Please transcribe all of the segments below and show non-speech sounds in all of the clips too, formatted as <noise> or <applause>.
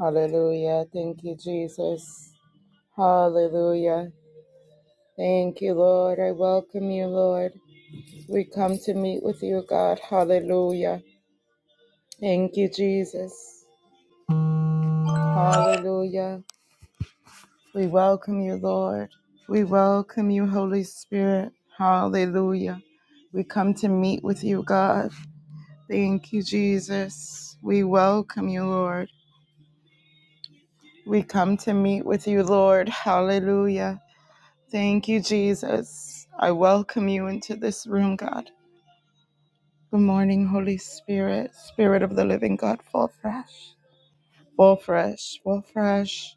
Hallelujah. Thank you, Jesus. Hallelujah. Thank you, Lord. I welcome you, Lord. We come to meet with you, God. Hallelujah. Thank you, Jesus. Hallelujah. We welcome you, Lord. We welcome you, Holy Spirit. Hallelujah. We come to meet with you, God. Thank you, Jesus. We welcome you, Lord. We come to meet with you, Lord. Hallelujah. Thank you, Jesus. I welcome you into this room, God. Good morning, Holy Spirit, Spirit of the living God, fall fresh, fall fresh, fall fresh.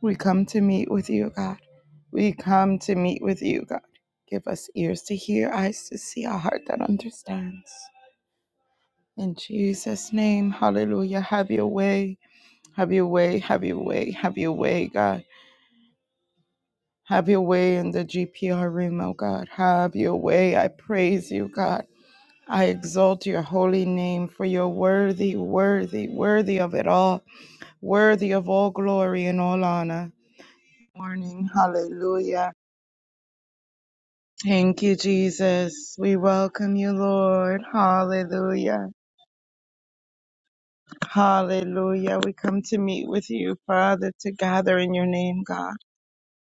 We come to meet with you, God. We come to meet with you, God. Give us ears to hear, eyes to see, a heart that understands. In Jesus' name, hallelujah. Have your way, have your way, have your way, have your way, God. Have your way in the GPR room, oh God. Have your way. I praise you, God. I exalt your holy name, for you're worthy, worthy, worthy of it all, worthy of all glory and all honor. Morning, hallelujah. Thank you, Jesus. We welcome you, Lord. Hallelujah. Hallelujah. We come to meet with you, Father, to gather in your name, God,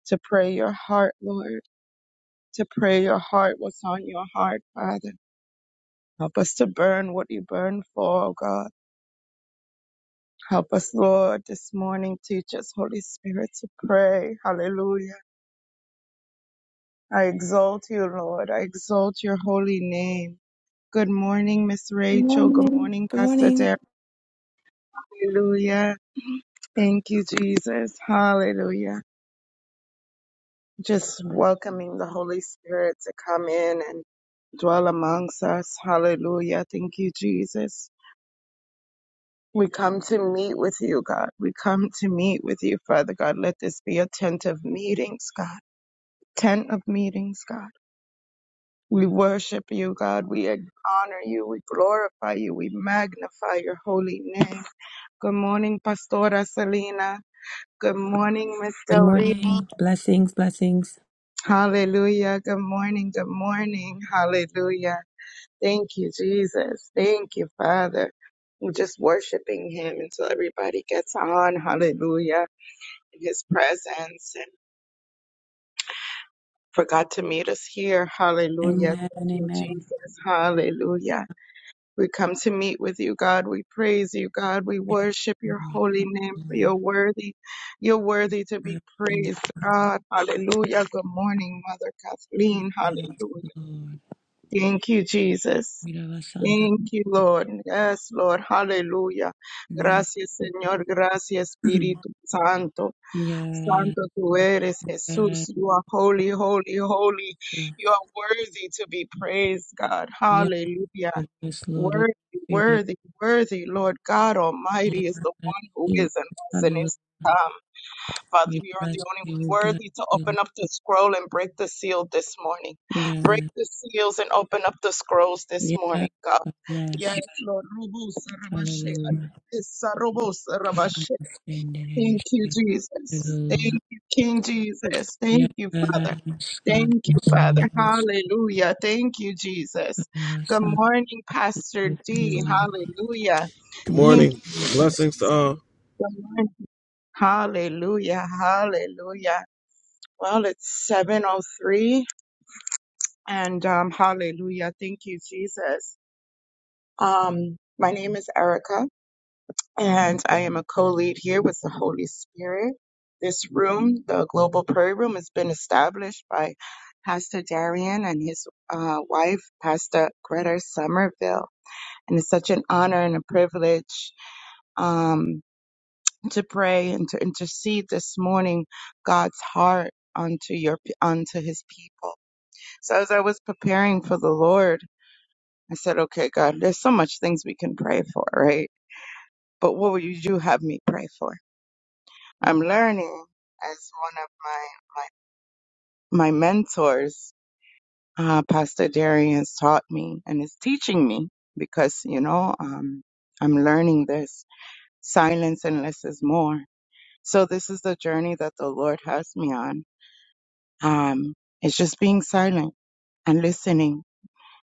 to pray your heart, Lord, to pray your heart, what's on your heart, Father. Help us to burn what you burn for, oh God. Help us, Lord, this morning. Teach us, Holy Spirit, to pray. Hallelujah. I exalt you, Lord. I exalt your holy name. Good morning, Miss Good Rachel. Good morning. morning, Good Pastor morning. Derek. Hallelujah. Thank you, Jesus. Hallelujah. Just welcoming the Holy Spirit to come in and dwell amongst us. Hallelujah. Thank you, Jesus. We come to meet with you, God. We come to meet with you, Father God. Let this be attentive meetings, God. tent of meetings, God. We worship you, God. We honor you. We glorify you. We magnify your holy name. Good morning, Pastora Selena. Good morning, Miss Good Del Rey. morning. Blessings, blessings. Hallelujah. Good morning. Good morning. Hallelujah. Thank you, Jesus. Thank you, Father. We're just worshiping him until everybody gets on. Hallelujah. In his presence and forgot to meet us here. Hallelujah. Amen. Thank you, Amen. Jesus. Hallelujah. We come to meet with you, God. We praise you, God. We worship your holy name for you're Amen. worthy. You're worthy to be Bless your praised, name, God. Hallelujah. Good morning, Mother Lord. Kathleen. Yes, Hallelujah. Lord. Thank you, Jesus. We love our son, the- Thank you, Lord. Yes, Lord. Hallelujah. Lord. Yes. Gracias, Señor. Gracias, <clears throat> Espíritu Santo. Yes. Santo tú eres, Jesús. You are holy, holy, holy. You are worthy to be praised, God. Yes. Yes, Hallelujah. Lord. Yes, Lord. We bless Worthy, your name. worthy, worthy, Lord God Yes. Almighty is the one who Jesus. is and was and Hallelujah. is to come. Father, We you are the bless only you. We one bless worthy to you. open up the scroll and break the seal this morning. Yes. Break the seals and open up the scrolls this Yes. morning, God. Yes, Yes. Lord. Rubu Hallelujah. King of Sarabashea. the Thank you, standard. Jesus. Thank Hallelujah. you, King Jesus. Yes, Thank you, God, Father. yes, God, Thank you, Father. yes, Hallelujah. Thank you, God, Jesus. our Good Son, morning, Pastor Lord, D. hallelujah. Hallelujah. Good Thank you, Thank morning. you. Jesus. Jesus. Blessings to all. Good morning. Hallelujah. Hallelujah. Well, it's 7:03 and um hallelujah. Thank you, Jesus. Um my name is Erica and I am a co-lead here with the Holy Spirit. This room, the Global Prayer Room, has been established by Pastor Darian and his uh, wife, Pastor Greta Somerville. And it's such an honor and a privilege um, to pray and to intercede this morning God's heart unto your unto His people. So as I was preparing for the Lord, I said, "Okay, God, there's so much things we can pray for, right? But what would you have me pray for?" I'm learning as one of my my, my mentors, uh, Pastor Darius, taught me and is teaching me because you know um, I'm learning this silence and less is more. So this is the journey that the Lord has me on. Um, it's just being silent and listening.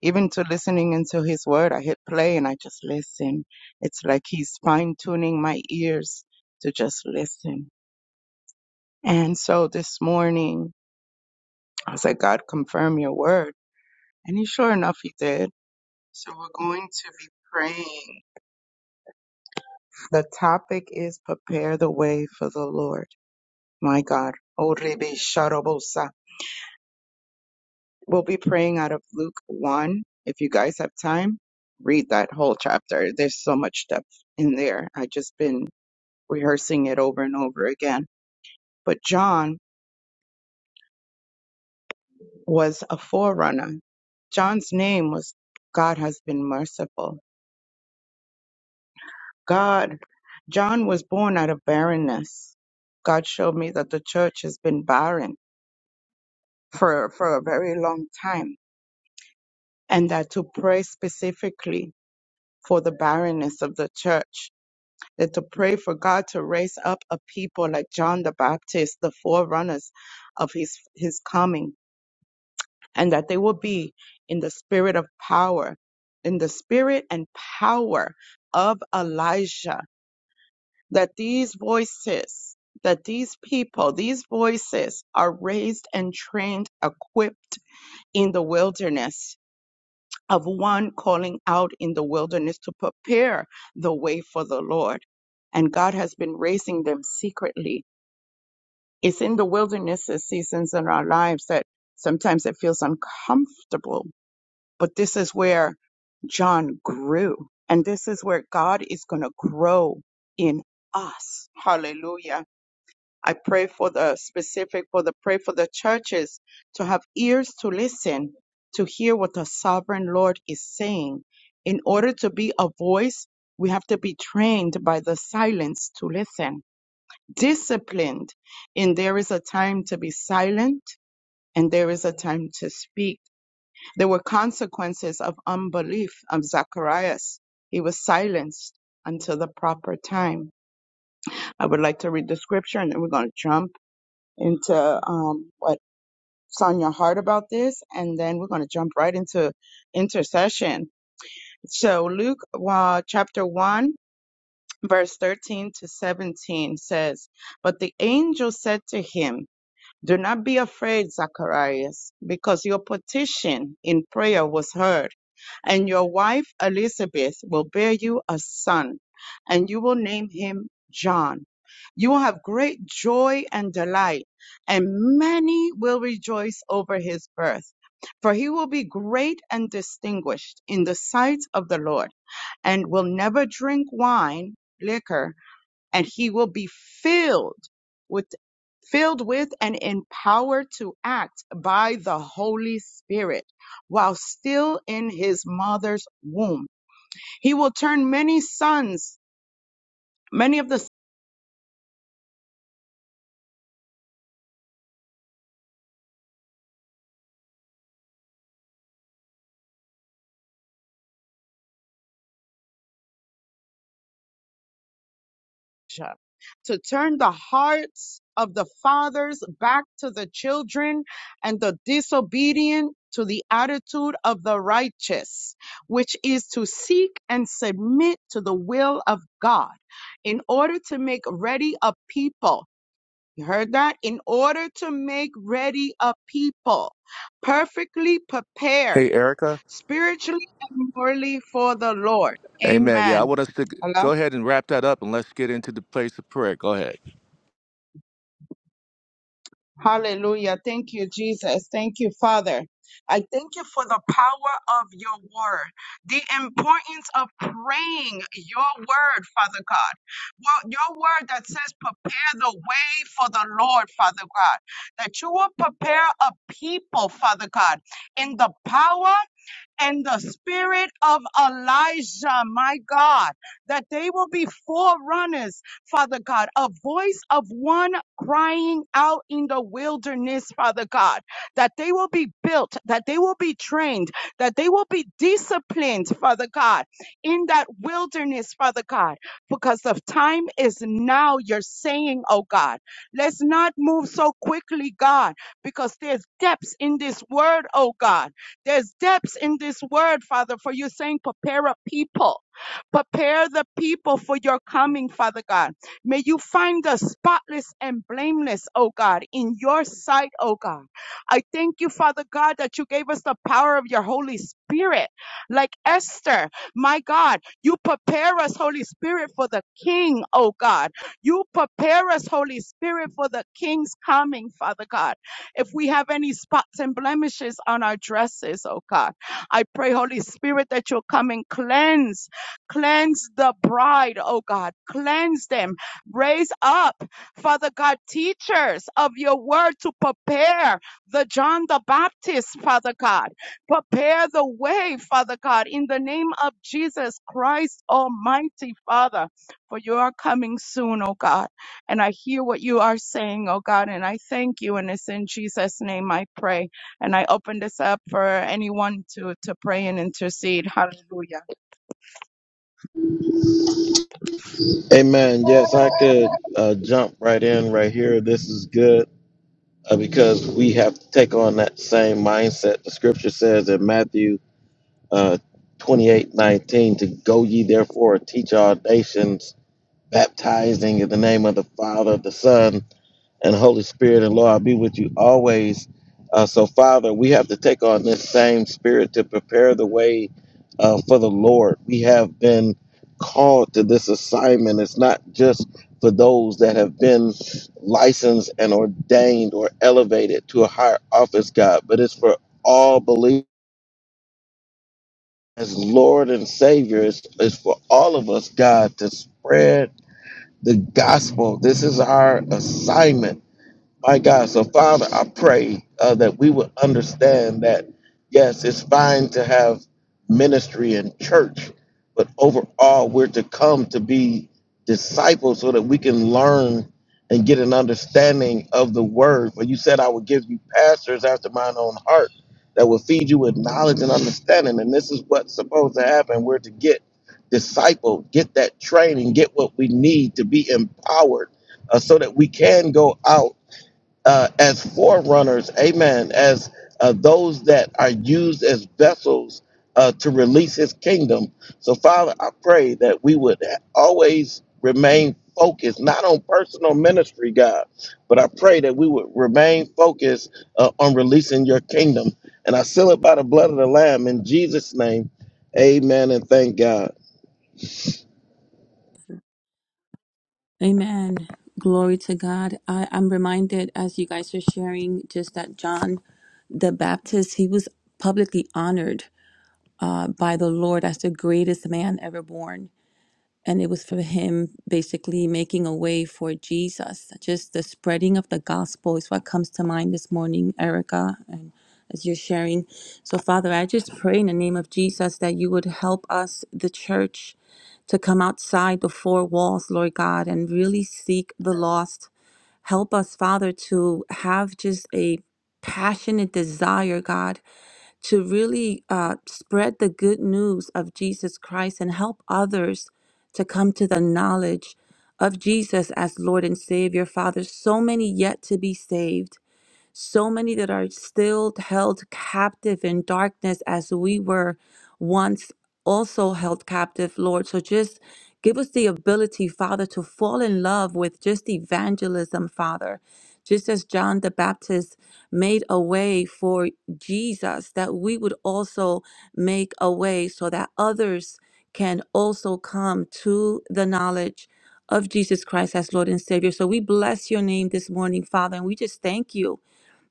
Even to listening into his word, I hit play and I just listen. It's like he's fine tuning my ears to just listen. And so this morning, I was like, God, confirm your word. And he, sure enough, he did. So we're going to be praying. The topic is prepare the way for the Lord. My God. Orebe sharabosa. We'll be praying out of Luke 1. If you guys have time, read that whole chapter. There's so much depth in there. i just been rehearsing it over and over again. But John was a forerunner. John's name was God has been merciful God, John was born out of barrenness. God showed me that the church has been barren for, for a very long time and that to pray specifically for the barrenness of the church, that to pray for God to raise up a people like John the Baptist, the forerunners of his, his coming, and that they will be in the spirit of power, in the spirit and power of Elijah that these voices, that these people, these voices are raised and trained, equipped in the wilderness of one calling out in the wilderness to prepare the way for the Lord. And God has been raising them secretly. It's in the wilderness seasons in our lives that sometimes it feels uncomfortable, but this is where John grew. And this is where God is going to grow in us. Hallelujah I pray for the specific for the pray for the churches to have ears to listen, to hear what the sovereign Lord is saying. In order to be a voice, we have to be trained by the silence to listen, disciplined. And there is a time to be silent and there is a time to speak. There were consequences of unbelief of Zacharias. He was silenced until the proper time. I would like to read the scripture and then we're going to jump into um, what Sonia Hart about this, and then we're going to jump right into intercession. So, Luke uh, chapter 1, verse 13 to 17 says, But the angel said to him, do not be afraid, Zacharias, because your petition in prayer was heard, and your wife Elizabeth will bear you a son, and you will name him John. You will have great joy and delight, and many will rejoice over his birth. For he will be great and distinguished in the sight of the Lord, and will never drink wine, liquor, and he will be filled with filled with and empowered to act by the Holy Spirit while still in his mother's womb. He will turn many sons, many of the to turn the hearts of the fathers back to the children and the disobedient to the attitude of the righteous, which is to seek and submit to the will of God in order to make ready a people. You heard that? In order to make ready a people, perfectly prepared Hey, Erica. spiritually and morally for the Lord. Amen. Yeah, I Amen. want us to g- Hello. go ahead and wrap that up and let's get into the place of prayer. Go ahead. Hallelujah. Thank you, Jesus. Thank you, Father. I thank you for the power of your word, the importance of praying your word, Father God. Well, your word that says, prepare the way for the Lord, Father God, that you will prepare a people, Father God, in the power and the spirit of Elijah, my God, that they will be forerunners, Father God, a voice of one crying out in the wilderness, Father God, that they will be built, that they will be trained, that they will be disciplined, Father God, in that wilderness, Father God, because the time is now, you're saying, oh God, let's not move so quickly, God, because there's depths in this word, oh God there's depths in this word, Father, for you're saying prepare a people. Prepare the people for your coming, Father God. May you find us spotless and blameless, oh God, in your sight, oh God. I thank you, Father God, that you gave us the power of your Holy Spirit. Like Esther, my God, you prepare us, Holy Spirit, for the King, oh God. You prepare us, Holy Spirit, for the King's coming, Father God. If we have any spots and blemishes on our dresses, oh God, I pray, Holy Spirit, that you'll come and cleanse, cleanse the bride, oh God, cleanse them, raise up, Father God, teachers of your word to prepare the John the Baptist, Father God, prepare the way, Father God, in the name of Jesus Christ, Almighty Father, for you are coming soon, oh God. And I hear what you are saying, oh God, and I thank you. And it's in Jesus' name I pray. And I open this up for anyone to, to pray and intercede. Hallelujah. Amen. Yes, I could uh, jump right in right here. This is good uh, because we have to take on that same mindset. The scripture says in Matthew uh, 28 nineteen, to go ye therefore and teach all nations, baptizing in the name of the Father, the Son, and Holy Spirit and Lord be with you always. Uh, so, Father, we have to take on this same spirit to prepare the way uh, for the Lord. We have been called to this assignment. It's not just for those that have been licensed and ordained or elevated to a higher office, God, but it's for all believers as Lord and Savior. It's, it's for all of us, God, to spread the gospel. This is our assignment my God, so Father, I pray uh, that we would understand that, yes, it's fine to have ministry and church, but overall, we're to come to be disciples so that we can learn and get an understanding of the word. For you said, I will give you pastors after mine own heart that will feed you with knowledge and understanding. And this is what's supposed to happen. We're to get discipled, get that training, get what we need to be empowered uh, so that we can go out uh, as forerunners, amen, as uh, those that are used as vessels uh, to release his kingdom. So, Father, I pray that we would always remain focused, not on personal ministry, God, but I pray that we would remain focused uh, on releasing your kingdom. And I seal it by the blood of the Lamb in Jesus' name. Amen and thank God. Amen. Glory to God. I, I'm reminded as you guys are sharing just that John the Baptist, he was publicly honored uh, by the Lord as the greatest man ever born and it was for him basically making a way for Jesus. Just the spreading of the gospel is what comes to mind this morning, Erica, and as you're sharing. So, Father, I just pray in the name of Jesus that you would help us, the church, to come outside the four walls, Lord God, and really seek the lost. Help us, Father, to have just a passionate desire, God to really uh, spread the good news of Jesus Christ and help others to come to the knowledge of Jesus as Lord and Savior. Father, so many yet to be saved so many that are still held captive in darkness as we were once also held captive, Lord. So just give us the ability, Father, to fall in love with just evangelism, Father. Just as John the Baptist made a way for Jesus, that we would also make a way so that others can also come to the knowledge of Jesus Christ as Lord and Savior. So we bless your name this morning, Father, and we just thank you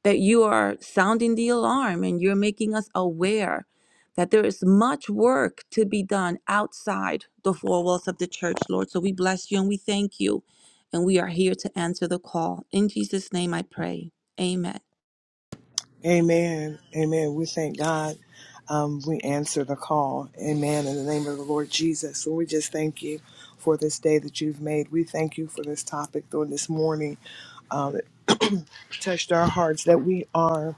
that you are sounding the alarm and you're making us aware that there is much work to be done outside the four walls of the church, Lord. So we bless you and we thank you. And we are here to answer the call. In Jesus' name I pray. Amen. Amen. Amen. We thank God. Um, we answer the call. Amen. In the name of the Lord Jesus. So we just thank you for this day that you've made. We thank you for this topic on this morning. Um, it touched our hearts that we are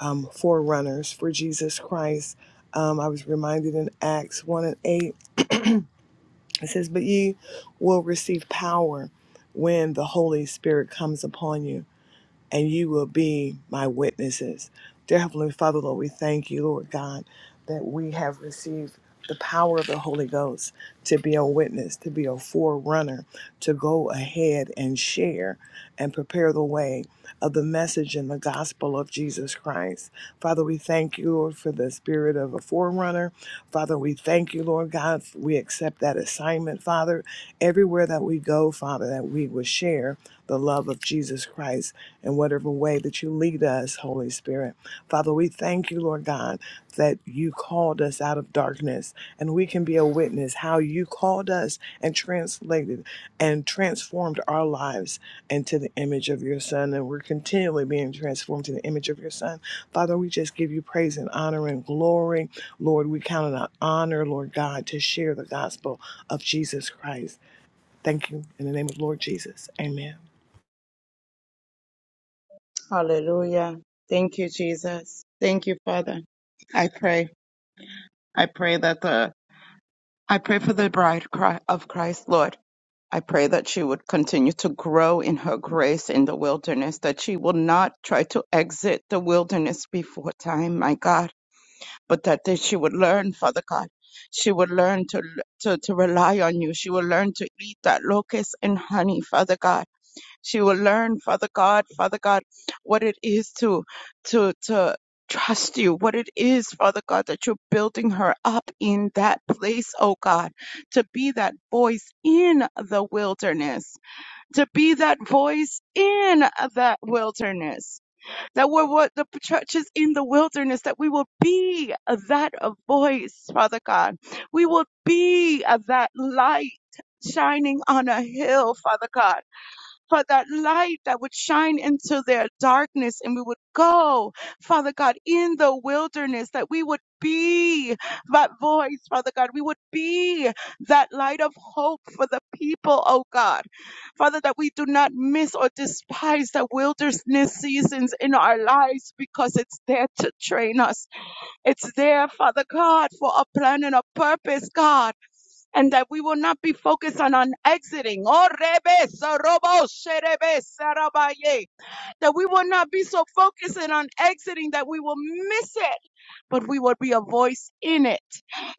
um, forerunners for Jesus Christ. Um, I was reminded in Acts 1 and 8, it says, But ye will receive power when the Holy Spirit comes upon you and you will be my witnesses. Dear Heavenly Father, Lord, we thank you, Lord God, that we have received the power of the Holy Ghost to be a witness, to be a forerunner, to go ahead and share and prepare the way of the message and the gospel of Jesus Christ. Father, we thank you, Lord, for the spirit of a forerunner. Father, we thank you, Lord God. We accept that assignment, Father. Everywhere that we go, Father, that we will share the love of Jesus Christ in whatever way that you lead us, Holy Spirit. Father, we thank you, Lord God, that you called us out of darkness and we can be a witness how you called us and translated and transformed our lives into the image of your Son. And we're continually being transformed to the image of your Son. Father, we just give you praise and honor and glory. Lord, we count it an honor, Lord God, to share the gospel of Jesus Christ. Thank you in the name of Lord Jesus. Amen. Hallelujah. Thank you, Jesus. Thank you, Father. I pray. I pray that the, I pray for the bride cri- of Christ, Lord. I pray that she would continue to grow in her grace in the wilderness, that she will not try to exit the wilderness before time, my God but that, that she would learn, Father God. She would learn to, to, to rely on you. She would learn to eat that locust and honey, Father God. She will learn, Father God, Father God, what it is to, to, to trust you, what it is, Father God, that you're building her up in that place, oh God, to be that voice in the wilderness, to be that voice in that wilderness that we're what the churches in the wilderness, that we will be that voice, Father God. We will be that light shining on a hill, Father God for that light that would shine into their darkness. And we would go, Father God, in the wilderness, that we would be that voice, Father God. We would be that light of hope for the people, oh God. Father, that we do not miss or despise the wilderness seasons in our lives because it's there to train us. It's there, Father God, for a plan and a purpose, God and that we will not be focused on, on exiting. Oh, rebe, sorobo, sherebe, sarabaye. That we will not be so focused in on exiting that we will miss it, but we will be a voice in it.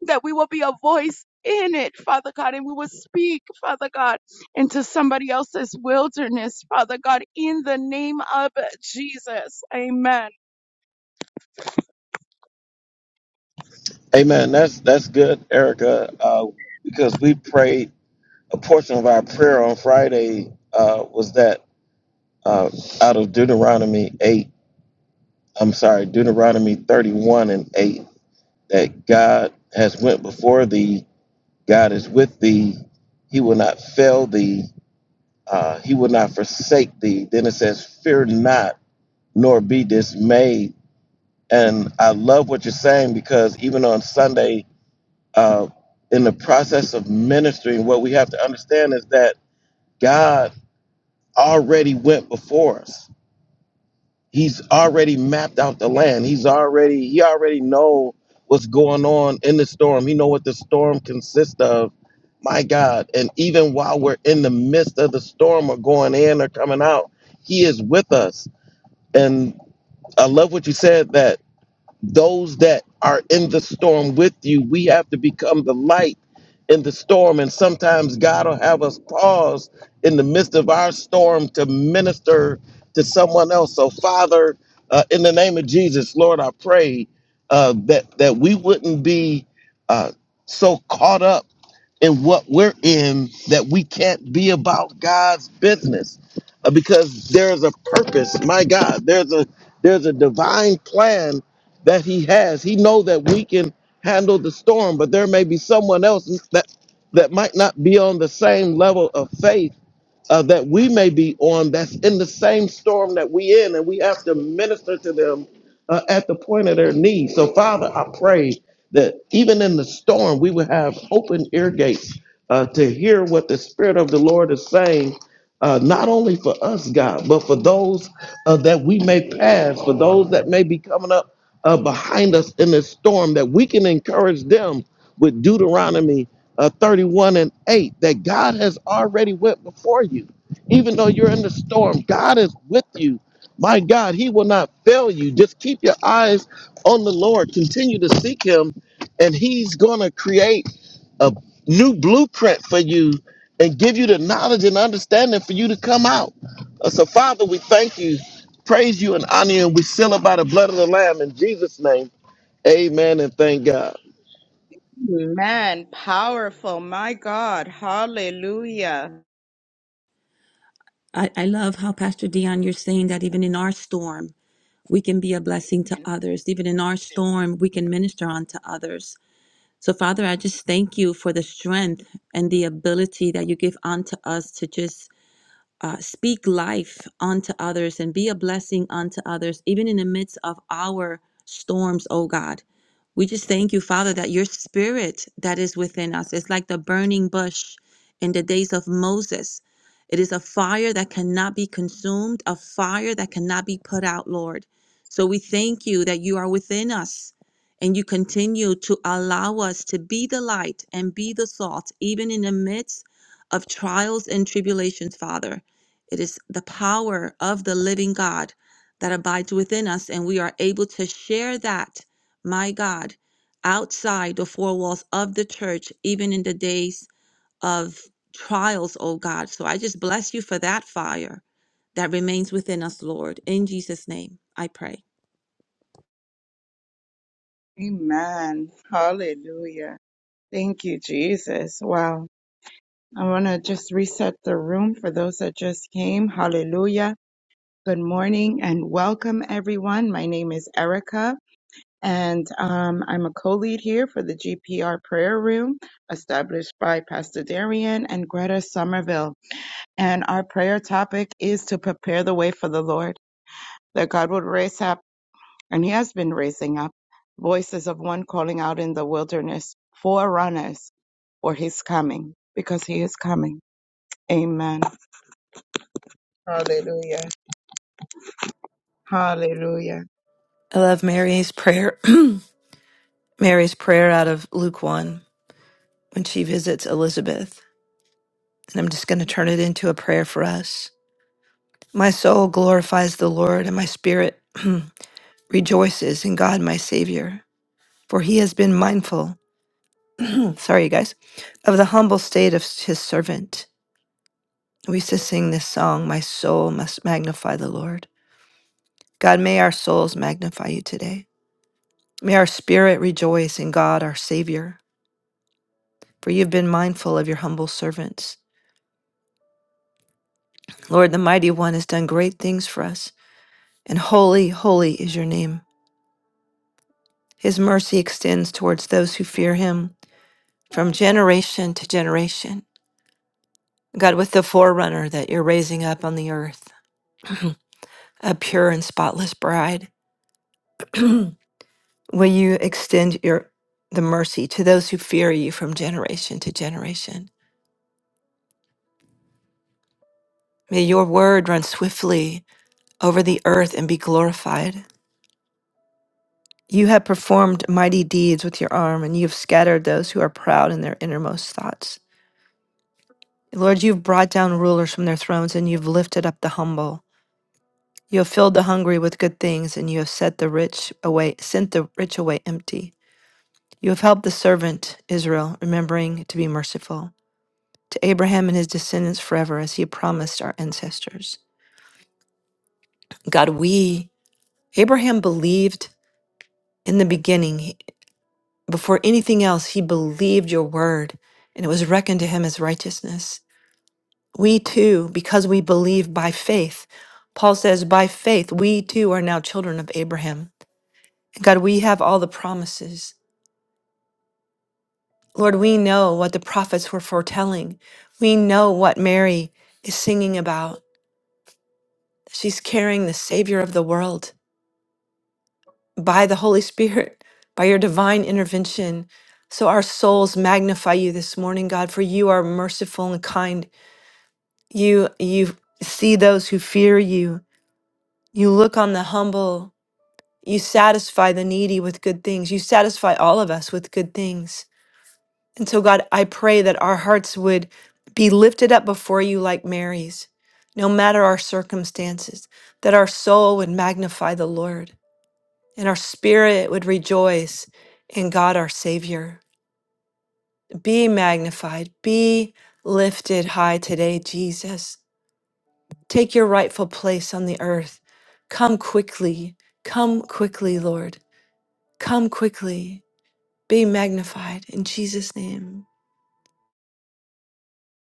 That we will be a voice in it, Father God, and we will speak, Father God, into somebody else's wilderness, Father God, in the name of Jesus. Amen. Amen. That's that's good, Erica, uh, because we prayed a portion of our prayer on Friday uh, was that uh, out of Deuteronomy 8, I'm sorry, Deuteronomy 31 and 8, that God has went before thee, God is with thee, he will not fail thee, uh, he will not forsake thee. Then it says, fear not, nor be dismayed. And I love what you're saying because even on Sunday, uh, in the process of ministering, what we have to understand is that God already went before us. He's already mapped out the land. He's already he already know what's going on in the storm. He know what the storm consists of. My God. And even while we're in the midst of the storm or going in or coming out, he is with us. And I love what you said that those that are in the storm with you, we have to become the light in the storm. And sometimes God will have us pause in the midst of our storm to minister to someone else. So, Father, uh, in the name of Jesus, Lord, I pray uh, that that we wouldn't be uh, so caught up in what we're in that we can't be about God's business uh, because there's a purpose. My God, there's a there's a divine plan that he has. He know that we can handle the storm, but there may be someone else that that might not be on the same level of faith uh, that we may be on that's in the same storm that we in, and we have to minister to them uh, at the point of their need. So, Father, I pray that even in the storm, we would have open ear gates uh, to hear what the Spirit of the Lord is saying. Uh, not only for us, God, but for those uh, that we may pass, for those that may be coming up uh, behind us in this storm, that we can encourage them with Deuteronomy uh, 31 and 8 that God has already went before you. Even though you're in the storm, God is with you. My God, He will not fail you. Just keep your eyes on the Lord. Continue to seek Him, and He's going to create a new blueprint for you and give you the knowledge and understanding for you to come out. Uh, So, Father, we thank you, praise you, and honor you, and we seal it by the blood of the Lamb in Jesus' name. Amen and thank God. Amen. Powerful. My God. Hallelujah. I, I love how Pastor Dion, you're saying that even in our storm, we can be a blessing to others. Even in our storm, we can minister on to others. So, Father, I just thank you for the strength and the ability that you give unto us to just uh, speak life unto others and be a blessing unto others, even in the midst of our storms, oh God. We just thank you, Father, that your spirit that is within us is like the burning bush in the days of Moses. It is a fire that cannot be consumed, a fire that cannot be put out, Lord. So we thank you that you are within us and you continue to allow us to be the light and be the salt, even in the midst of trials and tribulations, Father. It is the power of the living God that abides within us, and we are able to share that, my God, outside the four walls of the church, even in the days of trials, oh God. So I just bless you for that fire that remains within us, Lord. In Jesus' name, I pray. Amen. Hallelujah. Thank you, Jesus. Wow. I want to just reset the room for those that just came. Hallelujah. Good morning and welcome, everyone. My name is Erica, and um, I'm a co lead here for the GPR prayer room, established by Pastor Darian and Greta Somerville. And our prayer topic is to prepare the way for the Lord, that God would raise up and he has been raising up voices of one calling out in the wilderness, forerunners for his coming, because he is coming. Amen. Hallelujah. Hallelujah. I love Mary's prayer. <clears throat> Mary's prayer out of Luke 1 when she visits Elizabeth. And I'm just going to turn it into a prayer for us. My soul glorifies the Lord, and my spirit <clears throat> rejoices in God, my Savior, for he has been mindful, <clears throat> sorry, you guys, of the humble state of his servant. We used to sing this song, My Soul Must Magnify the Lord. God, may our souls magnify you today. May our spirit rejoice in God, our Savior. for you've been mindful of your humble servants. Lord, the mighty one has done great things for us, and holy, holy is your name. His mercy extends towards those who fear him from generation to generation. God, with the forerunner that you're raising up on the earth, a pure and spotless bride, <clears throat> will you extend your the mercy to those who fear you from generation to generation? May your word run swiftly over the earth and be glorified. You have performed mighty deeds with your arm, and you have scattered those who are proud in their innermost thoughts. Lord, you've brought down rulers from their thrones, and you've lifted up the humble. You have filled the hungry with good things, and you have set the rich away, sent the rich away empty. You have helped the servant Israel, remembering to be merciful to Abraham and his descendants forever, as he promised our ancestors. God, we Abraham believed in the beginning. Before anything else, he believed your word, and it was reckoned to him as righteousness. We too, because we believe by faith, Paul says, by faith, we too are now children of Abraham. God, we have all the promises. Lord, we know what the prophets were foretelling. We know what Mary is singing about. She's carrying the Savior of the world by the Holy Spirit, <laughs> by your divine intervention. So our souls magnify you this morning, God, for you are merciful and kind. You you see those who fear you. You look on the humble. You satisfy the needy with good things. You satisfy all of us with good things. And so God, I pray that our hearts would be lifted up before you like Mary's, no matter our circumstances, that our soul would magnify the Lord and our spirit would rejoice in God our Savior. Be magnified, be lifted high today, Jesus. Take your rightful place on the earth. Come quickly. Come quickly, Lord. Come quickly. Be magnified in Jesus' name.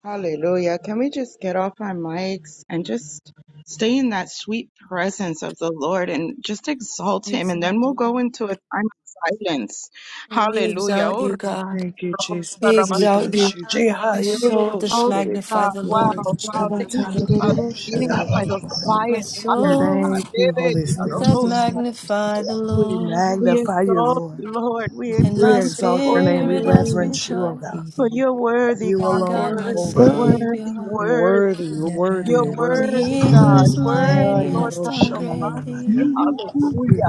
Hallelujah. Can we just get off our mics and just stay in that sweet presence of the Lord and just exalt We him? And then exalt you, we'll go God. into a time of silence. We Hallelujah. exalt Oh, you, God. Thank you, We Jesus. We exalt bless you. you. My Jeha, soul yororo, does Glory to magnify God. the Yes, Lord. Wow, wow. Thank you, Father, for leading us by those My quiet We waters, God. soul Thank you, Rivers Holy of Spirit. doth Rosa. magnify the We Lord. We magnify you, exalt Lord. you, Lord. We And We my praise your exalt your holy name. We spirit has reverence name. you, O rejoiced God. For you're worthy, You God. in alone God are my Worthy, holy. worthy, Savior. You're worthy. worthy. You're worthy. You're You're And worthy. worthy, he yes, who God. is Lord. Worthy, Ah, mighty Lord has God done great Almighty. things. We Hallelujah.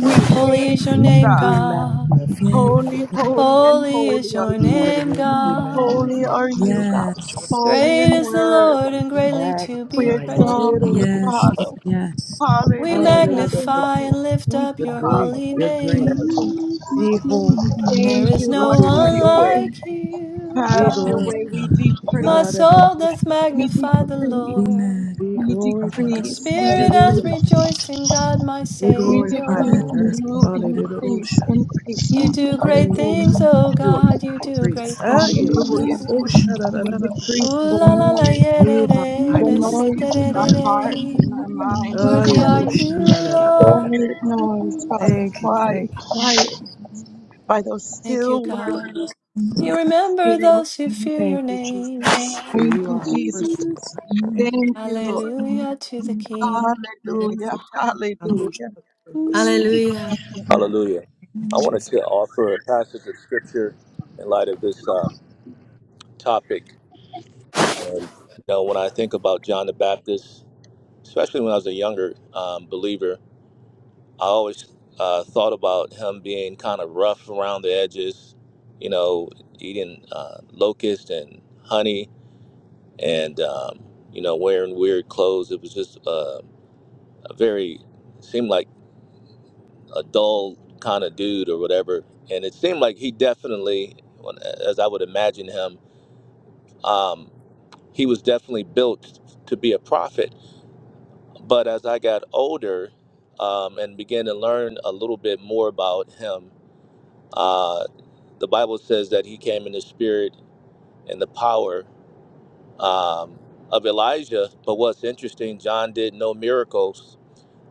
We you. Holy is praise your you, name, We God. God. magnify you, Holy, holy, and Holy is holy are your you. Lord. name, Hallelujah. We Holy magnify God. you. are We you, God. reverence you. Yes, Holy Great and is the worthy. Lord and We greatly to We be magnify exalt yes, you, praised. yes, you. Father. yes. We Hallelujah. Hallelujah. Thank magnify you. and lift Thank up You're you, your Father, great. holy for You're We great. your name. presence. Be magnify holy. There Thank is you, Be no Lord. Have one glorified. your way. like you, Be Have your way. God. We glorified. My decrease. Hallelujah. you, soul doth We magnify the decrease. Lord, Be We and my God. glorified. decrease. We spirit hath Hallelujah. decrease. rejoiced in God my Be We glorified in decrease the Savior. and earth. you increase. Hallelujah. Increase, You God. do great Thank you. Lord. things, Hallelujah. God. O You are God, you high do priest. great Ah, things. yeah. Hallelujah. Oh, We shadadadadabaka. decrease Ooh the la la la noise. yeah da You are da high The da priest sa, da noise of in da da our forever. hearts, in da. our minds, Worthy are Hallelujah. body, you, Lord. Shadadadabaka. quiet noise God, Thank you. Yes, quiet, Thank you. quiet by those Thank you, still God. words. You remember Still, those who fear your Thank you, Jesus. name. For thank you you, are our Jesus. first. Thank Lord. you, Lord. Hallelujah to the King. Thank Hallelujah. you. I'm Hallelujah. Hallelujah. Hallelujah. Hallelujah. I wanted Jesus. to offer a passage of scripture in light of this um, topic. And, you know, when I think about John the Baptist, especially when I was a younger um, believer, I always uh, thought about him being kind of rough around the edges, you know, eating uh, locust and honey and, um, you know, wearing weird clothes. It was just, uh, a very seemed like a dull kind of dude or whatever. And it seemed like he definitely, when- as I would imagine him, um, he was definitely built to be a prophet. But as I got older um, and began to learn a little bit more about him, uh, the Bible says that he came in the spirit and the power um, of Elijah. But what's interesting, John did no miracles.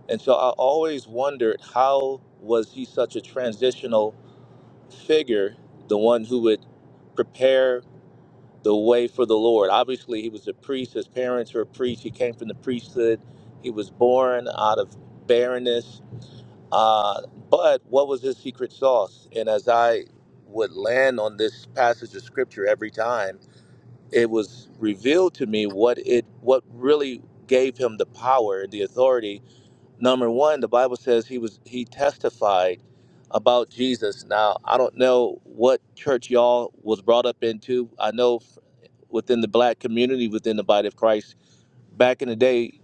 And so I always wondered how was he such a transitional figure, the one who would prepare the way for the Lord. Obviously, he was a priest. His parents were priests. He came from the priesthood. He was born out of barrenness. Uh, but what was his secret sauce? And as I would land on this passage of scripture every time, it was revealed to me what it what really gave him the power and the authority Number one, the Bible says he was he testified about Jesus. Now I don't know what church y'all was brought up into. I know f- within the black community, within the body of Christ, back in the day,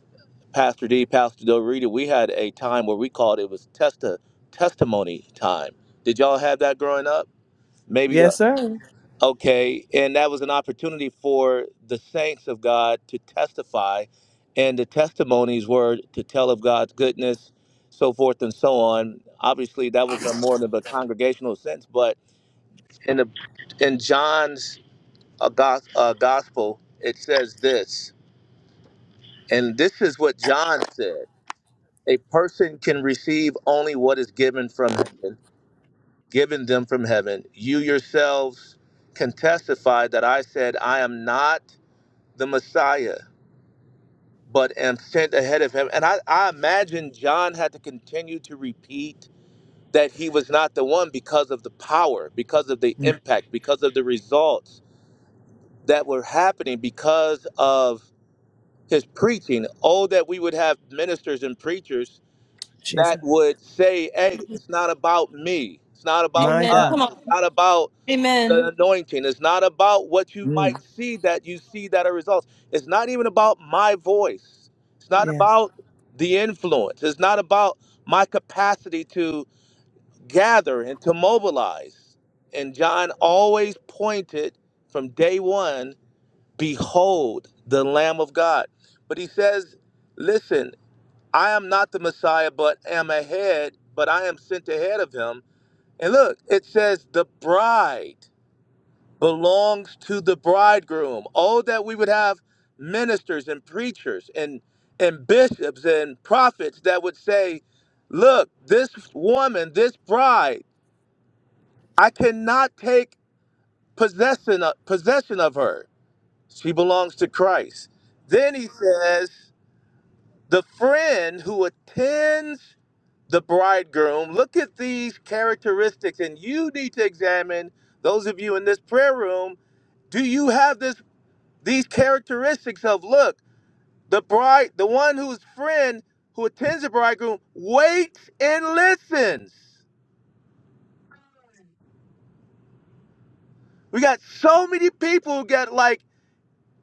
Pastor D, Pastor Del Rita, we had a time where we called it was testa testimony time. Did y'all have that growing up? Maybe uh, Yes, sir. Okay, and that was an opportunity for the saints of God to testify, and the testimonies were to tell of God's goodness, so forth and so on. Obviously, that was a more of a congregational sense, but in the in John's uh, gos- uh, gospel, it says this, and this is what John said: a person can receive only what is given from heaven, given them from heaven. You yourselves can testify that I said I am not the Messiah, but am sent ahead of him. And I, I imagine John had to continue to repeat that he was not the one because of the power, because of the Mm, impact, because of the results that were happening, because of his preaching. Oh, that we would have ministers and preachers that Jesus. would say, hey, it's not about me. It's not about My Amen. us. Come God. on. It's not about the Amen. anointing. It's not about what you might Mm, see that you see that are results. It's not even about my voice. It's not Yes. about the influence. It's not about my capacity to gather and to mobilize. And John always pointed from day one, behold the Lamb of God. But he says, listen, I am not the Messiah, but am ahead, but I am sent ahead of him. And look, it says the bride belongs to the bridegroom. Oh, that we would have ministers and preachers and and bishops and prophets that would say, "Look, this woman, this bride, I cannot take possession of, possession of her. She belongs to Christ." Then he says, "The friend who attends the bridegroom, look at these characteristics, and you need to examine those of you in this prayer room. Do you have this These characteristics of look, the bride, the one whose friend who attends the bridegroom waits and listens. We got so many people who got like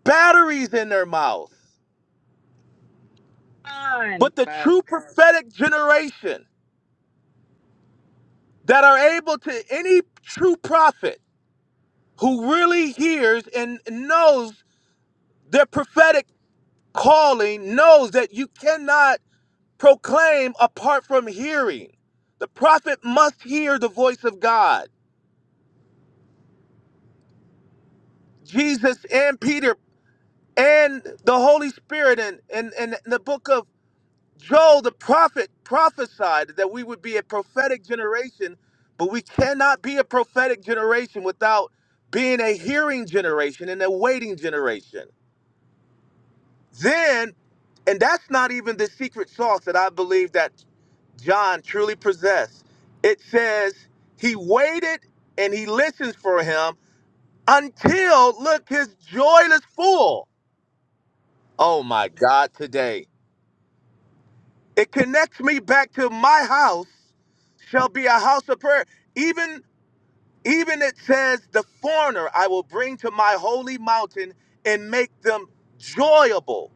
batteries in their mouth. Amen. But the true prophetic generation that are able to any true prophet who really hears and knows their prophetic calling knows that you cannot proclaim apart from hearing. The prophet must hear the voice of God. Jesus and Peter and the Holy Spirit and and, and the book of Joel the prophet prophesied that we would be a prophetic generation, but we cannot be a prophetic generation without being a hearing generation and a waiting generation. Then, and that's not even the secret sauce that I believe that John truly possessed. It says he waited and he listens for him until look his joy is full. Oh my God, today. It connects me back to my house shall be a house of prayer. Even even it says the foreigner I will bring to my holy mountain and make them joyable,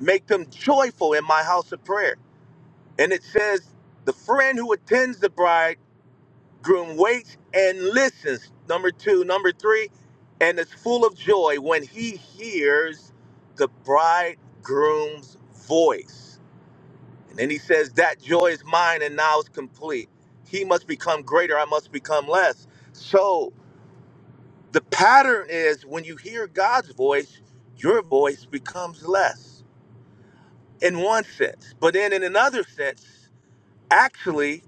make them joyful in my house of prayer. And it says the friend who attends the bridegroom waits and listens. Number 2, number 3, and is full of joy when he hears the bridegroom's voice. And then he says, That joy is mine and now is complete. He must become greater, I must become less. So the pattern is when you hear God's voice, your voice becomes less in one sense. But then in another sense, actually,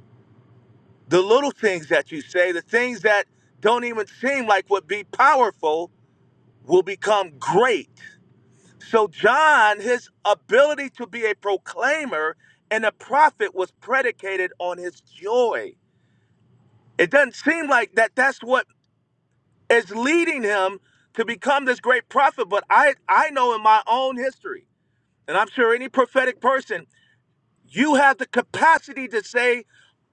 the little things that you say, the things that don't even seem like would be powerful, will become great. So John, his ability to be a proclaimer and a prophet was predicated on his joy It doesn't seem like that that's what is leading him to become this great prophet, but I I know in my own history, and I'm sure any prophetic person, you have the capacity to say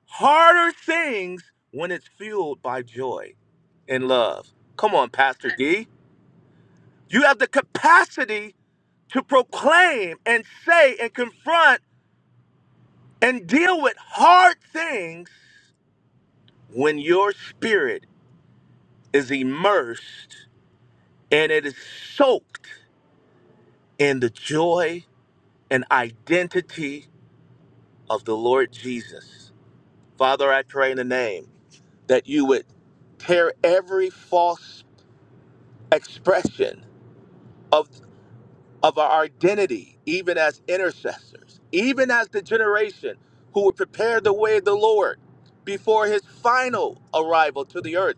harder things when it's fueled by joy and love. Come on, Pastor D. You have the capacity to proclaim and say and confront and deal with hard things when your spirit is immersed and it is soaked in the joy and identity of the Lord Jesus. Father, I pray in the name that you would tear every false expression of, of our identity, even as intercessors, even as the generation who would prepare the way of the Lord before his final arrival to the earth.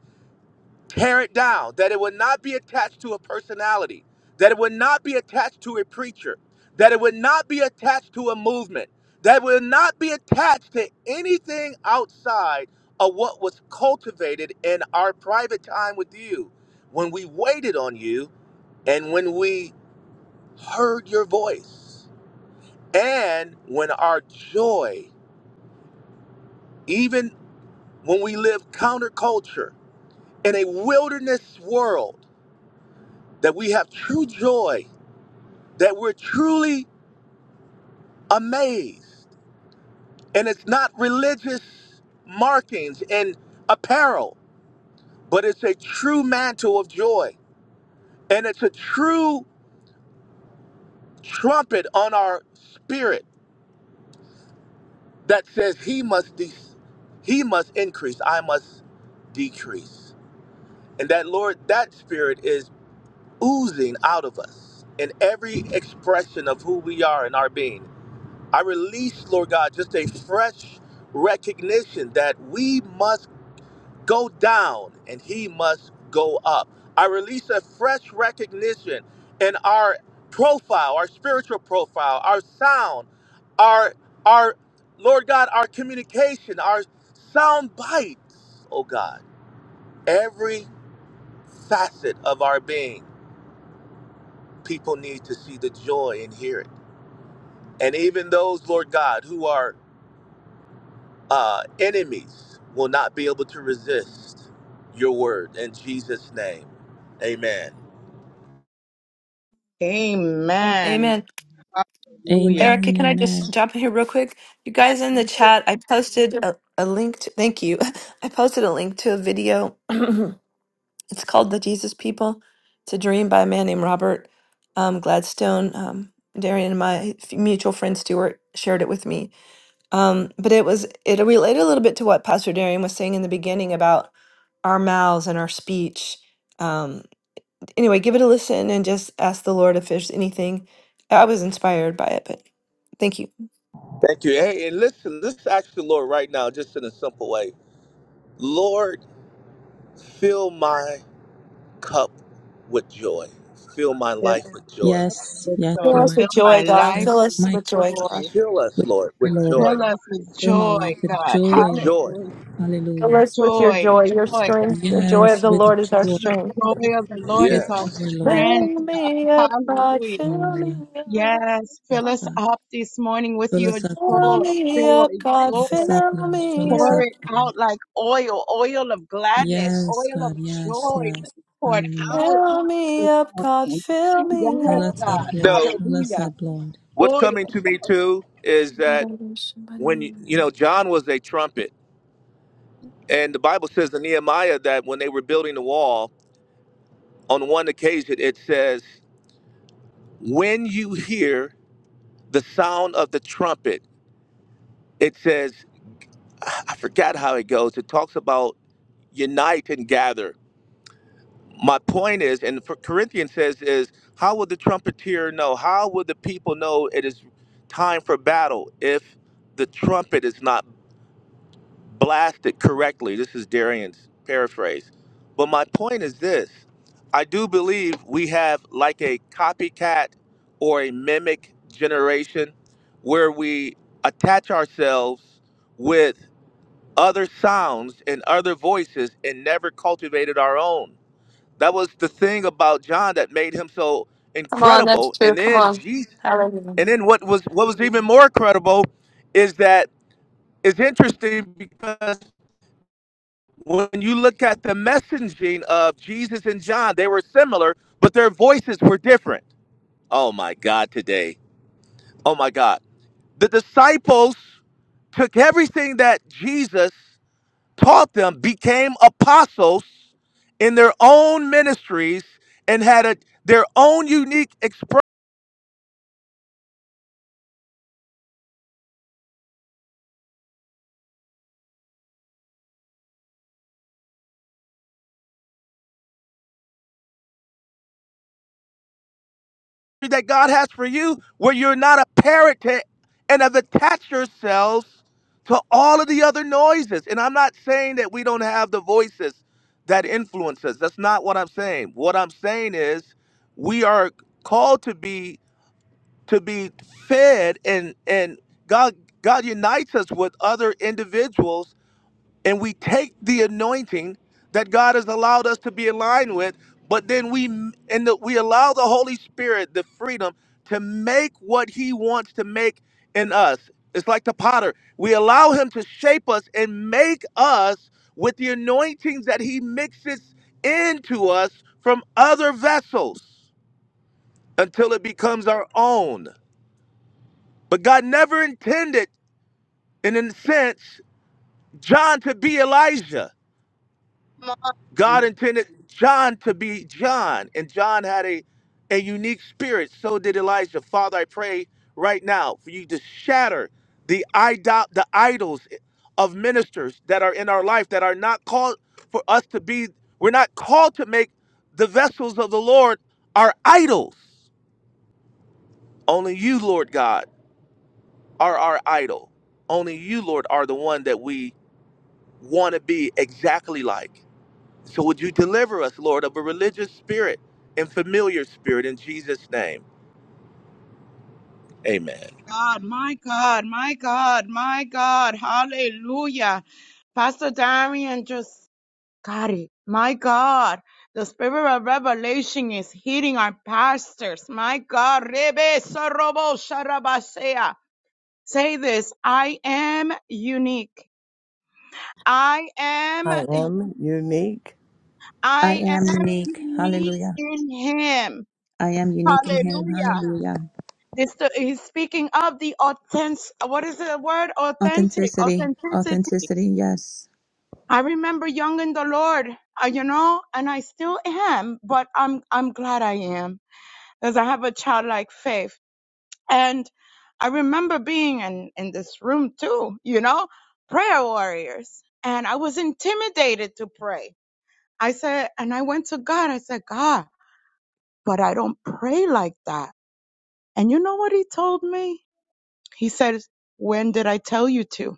Tear it down, that it would not be attached to a personality, that it would not be attached to a preacher, that it would not be attached to a movement, that it would not be attached to anything outside of what was cultivated in our private time with you when we waited on you and when we heard your voice and when our joy, even when we live counterculture in a wilderness world, that we have true joy that we're truly amazed. And it's not religious markings and apparel, but it's a true mantle of joy. And it's a true trumpet on our spirit that says he must de- he must increase, I must decrease. And that Lord, that spirit is oozing out of us in every expression of who we are in our being. I release, Lord God, just a fresh recognition that we must go down and he must go up. I release a fresh recognition in our profile, our spiritual profile, our sound, our our Lord God, our communication, our sound bites, oh God. Every facet of our being, people need to see the joy and hear it. And even those, Lord God, who are uh, enemies will not be able to resist your word in Jesus' name. Amen. And Amen. Amen. Hallelujah. Erica, Amen, can I amen. just jump in here real quick? You Have guys in the interest chat, I posted a, a link to, thank you. <laughs> I posted a link to a video <clears throat> It's called The Jesus People. It's a dream by a man named Robert um, Gladstone. Um, Darian and my f- mutual friend Stuart shared it with me. Um, but it was, it related a little bit to what Pastor Darian was saying in the beginning about our mouths and our speech. Um, anyway, give it a listen and just ask the Lord if there's anything. I was inspired by it, but thank you. Thank you. Hey, and listen, let's ask the Lord right now, just in a simple way. Lord, fill my cup with joy. Fill my to life with joy. Yes, yes, Fill us Lord. fill with my joy, God. life Fill Fill us my with cup joy. God. joy. Fill us, with Lord, joy, with Lord. joy. Fill us with Fill my joy, life with God. With joy, joy. Lord. Hallelujah. Fill Hallelujah. us with your Joy, joy, joy. your God. strength. The joy of Yes, the with Lord is our joy, The strength. joy of the Lord is with our Yes. joy, Lord. strength. Fill me up, God. Hallelujah. Fill me Hallelujah. up. Yes, fill us God, up this morning with fill your us up, Fill joy, Lord. me joy, up, God. joy. Fill us up, Fill Lord. Fill me us Pour up, it up. Lord. out like oil, oil of gladness, Yes, oil of God. Yes, joy yes. poured Hallelujah. out Fill me this up, God. morning. Fill me Yes, Fill up. us up, Lord. No, God. Fill us Hallelujah. up, Lord. what's coming Oil. to me too is that when, you you know, John was a trumpet. And the Bible says in Nehemiah that when they were building the wall, on one occasion it says, when you hear the sound of the trumpet, it says, I forgot how it goes. It talks about unite and gather. My point is, and for Corinthians says, is how will the trumpeter know? How will the people know it is time for battle if the trumpet is not blasted correctly? This is Darian's paraphrase. But my point is this I do believe we have like a copycat or a mimic generation where we attach ourselves with other sounds and other voices and never cultivated our own. That was the thing about John that made him so Come on, that's incredible. true. And Come then on. Jesus, Hallelujah. and then what was what was even more incredible is that it's interesting because when you look at the messaging of Jesus and John, they were similar, but their voices were different. Oh my God, today. Oh my God. The disciples took everything that Jesus taught them became apostles in their own ministries and had a, their own unique expression that God has for you, where you're not a parrot to, and have attached yourselves to all of the other noises. And I'm not saying that we don't have the voices that influence us. That's not what I'm saying. What I'm saying is we are called to be to be fed and and God God unites us with other individuals and we take the anointing that God has allowed us to be aligned with, but then we and the, we allow the Holy Spirit the freedom to make what He wants to make in us. It's like the potter. We allow Him to shape us and make us with the anointings that He mixes into us from other vessels until it becomes our own. But God never intended, and in a sense, John to be Elijah. My God intended John to be John, and John had a, a unique spirit. So did Elijah. Father, I pray right now for you to shatter the idol, the idols of ministers that are in our life that are not called for us to be. We're not called to make the vessels of the Lord our idols. Only you, Lord God, are our idol. Only you, Lord, are the one that we want to be exactly like. So would you deliver us, Lord, of a religious spirit and familiar spirit in Jesus' name? Amen. God, my God, my God, my God. Hallelujah. Pastor Darian just got it. My God. The spirit of revelation is hitting our pastors. My God. Rebe sorobo sharabasea. Say this, I am unique. I am I am unique. I I am am unique. unique Hallelujah. in him. I am unique in Him. Hallelujah. Hallelujah. This uh, he's speaking of the authentic what is the word? Authentic, Authenticity. authenticity. Authenticity. Yes. I remember young in the Lord, uh, you know, and I still am, but I'm I'm glad I am because I have a childlike faith. And I remember being in, in this room too, you know, prayer warriors. And I was intimidated to pray. I said, and I went to God. I said, God, but I don't pray like that. And you know what he told me? He said, when did I tell you to?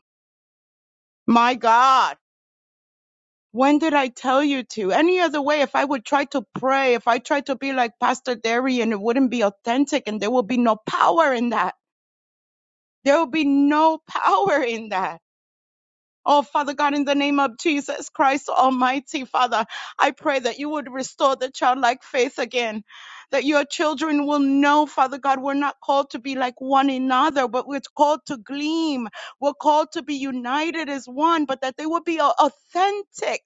My God, when did I tell you to? Any other way, if I would try to pray, if I tried to be like Pastor Darian, it wouldn't be authentic and there would be no power in that. There will be no <laughs> power in that Oh, Father God, in the name of Jesus Christ Almighty, Father, I pray that you would restore the childlike faith again. That your children will know, Father God, we're not called to be like one another, but we're called to gleam. We're called to be united as one, but that they would be au- authentic.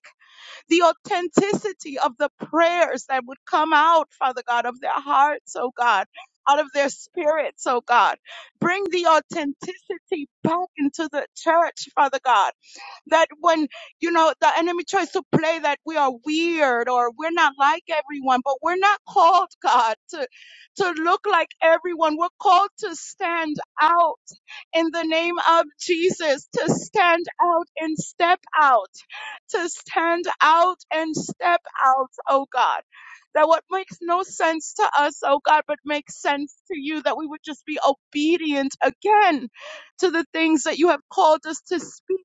The authenticity of the prayers that would come out, Father God, of their hearts, oh God, out of their spirits, oh God. Bring the authenticity back into the church, Father God that when you know the enemy tries to play that we are weird or we're not like everyone but we're not called <laughs> god to to look like everyone we're called to stand out in the name of jesus to stand out and step out to stand out and step out oh god that what makes no sense to us, oh God, but makes sense to you, that we would just be obedient again to the things that you have called us to speak.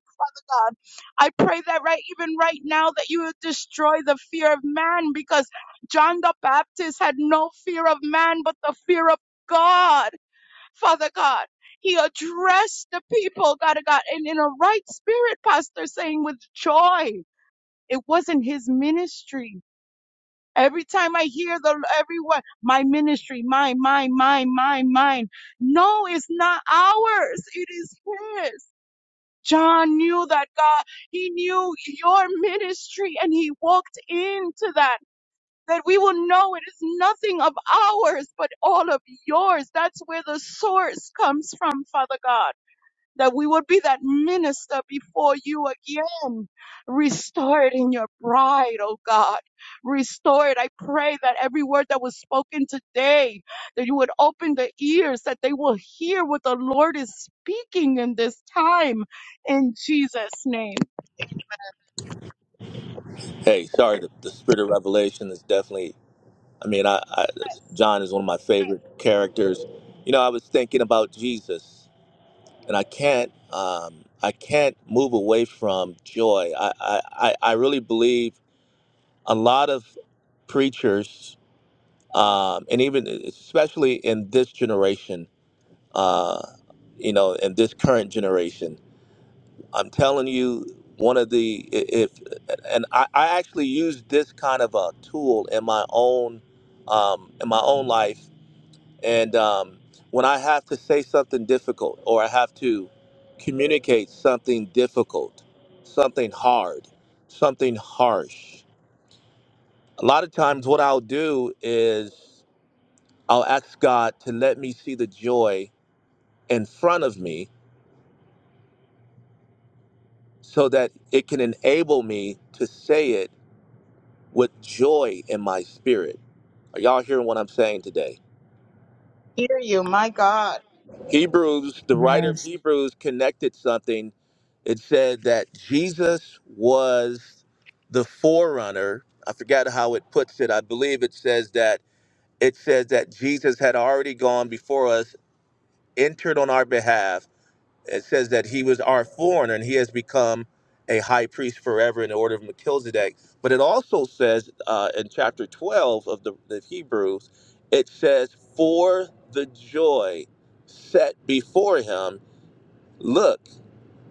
God. I pray that right, even right now, that you would destroy the fear of man because John the Baptist had no fear of man, but the fear of God, Father God. He addressed the people, God of God, and in a right spirit, Pastor, saying with joy. It wasn't his ministry. Every time I hear the everyone, my ministry, mine, mine, mine, mine, mine. No, it's not ours. It is his. John knew that God, he knew your ministry and he walked into that. That we will know it is nothing of ours, but all of yours. That's where the source comes from, Father God that we would be that minister before you again. Restore it in your bride, oh God. Restore it. I pray that every word that was spoken today, that you would open the ears, that they will hear what the Lord is speaking in this time. In Jesus' name. Hey, sorry, the, the spirit of revelation is definitely, I mean, I, I Yes. John is one of my favorite characters. You know, I was thinking about Jesus, and I can't, um, I can't move away from joy. I, I, I I really believe a lot of preachers, um, and even especially in this generation, uh, you know, in this current generation. I'm telling you, one of the if and I, I actually use this kind of a tool in my own um, in my own life, and um, when I have to say something difficult or I have to communicate something difficult, something hard, something harsh. A lot of times, what I'll do is I'll ask God to let me see the joy in front of me so that it can enable me to say it with joy in my spirit. Are y'all hearing what I'm saying today? Hear you, my God. Hebrews, the writer of Yes. Hebrews connected something. It said that Jesus was the forerunner. I forgot how it puts it. I believe it says that it says that Jesus had already gone before us, entered on our behalf it says that he was our foreigner and he has become a high priest forever in the order of Melchizedek. But it also says uh, in chapter 12 of the, the Hebrews, it says, For the joy set before him, look,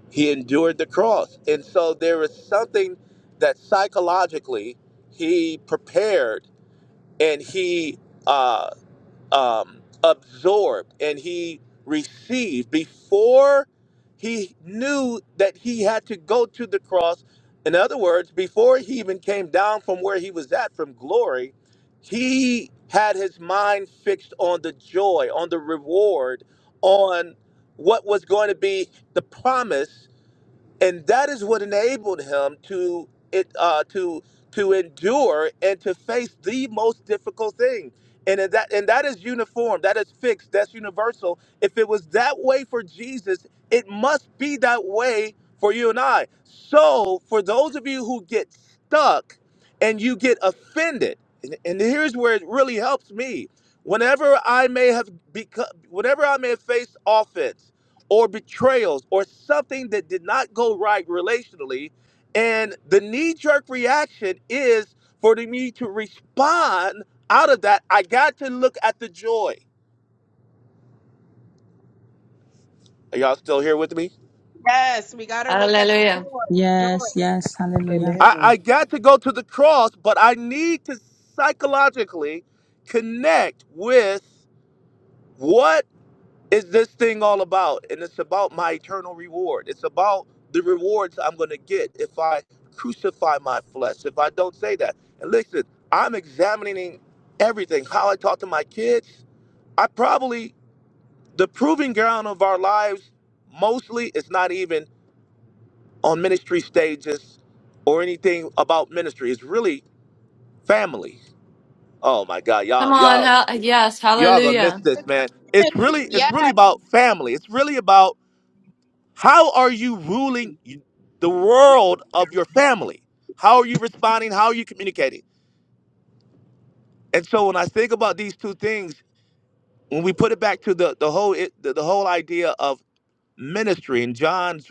he endured the cross. And so there is something that psychologically he prepared and he. uh, um, absorbed and he received before he knew that he had to go to the cross. In other words, before he even came down from where he was at from glory, he had his mind fixed on the joy, on the reward, on what was going to be the promise and that is what enabled him to it uh, to to endure and to face the most difficult thing and in that and that is uniform that is fixed that's universal if it was that way for jesus it must be that way for you and i so for those of you who get stuck and you get offended and, and here's where it really helps me whenever i may have become whenever i may have faced offense or betrayals or something that did not go right relationally. And the knee jerk reaction is for me to respond out of that. I got to look at the joy. Are y'all still here with me? Yes, we got to look at the Hallelujah. joy, Yes. Joy Yes. Hallelujah. I, Amen. I got to go to the cross, but I need to psychologically connect with what is this thing all about? And it's about my eternal reward. It's about the rewards I'm going to get if I crucify my flesh, if I don't say that. And listen, I'm examining everything how I talk to my kids. I probably, the proving ground of our lives mostly is not even on ministry stages or anything about ministry. It's really family. Oh my God, Come y'all, on. y'all, Hal- yes, y'all gonna miss hallelujah. this, man. It's really, it's really about family. It's really about How are you ruling the world of your family? How are you responding? How are you communicating? And so when I think about these two things, when we put it back to the the whole it, the, the whole idea of ministry and John's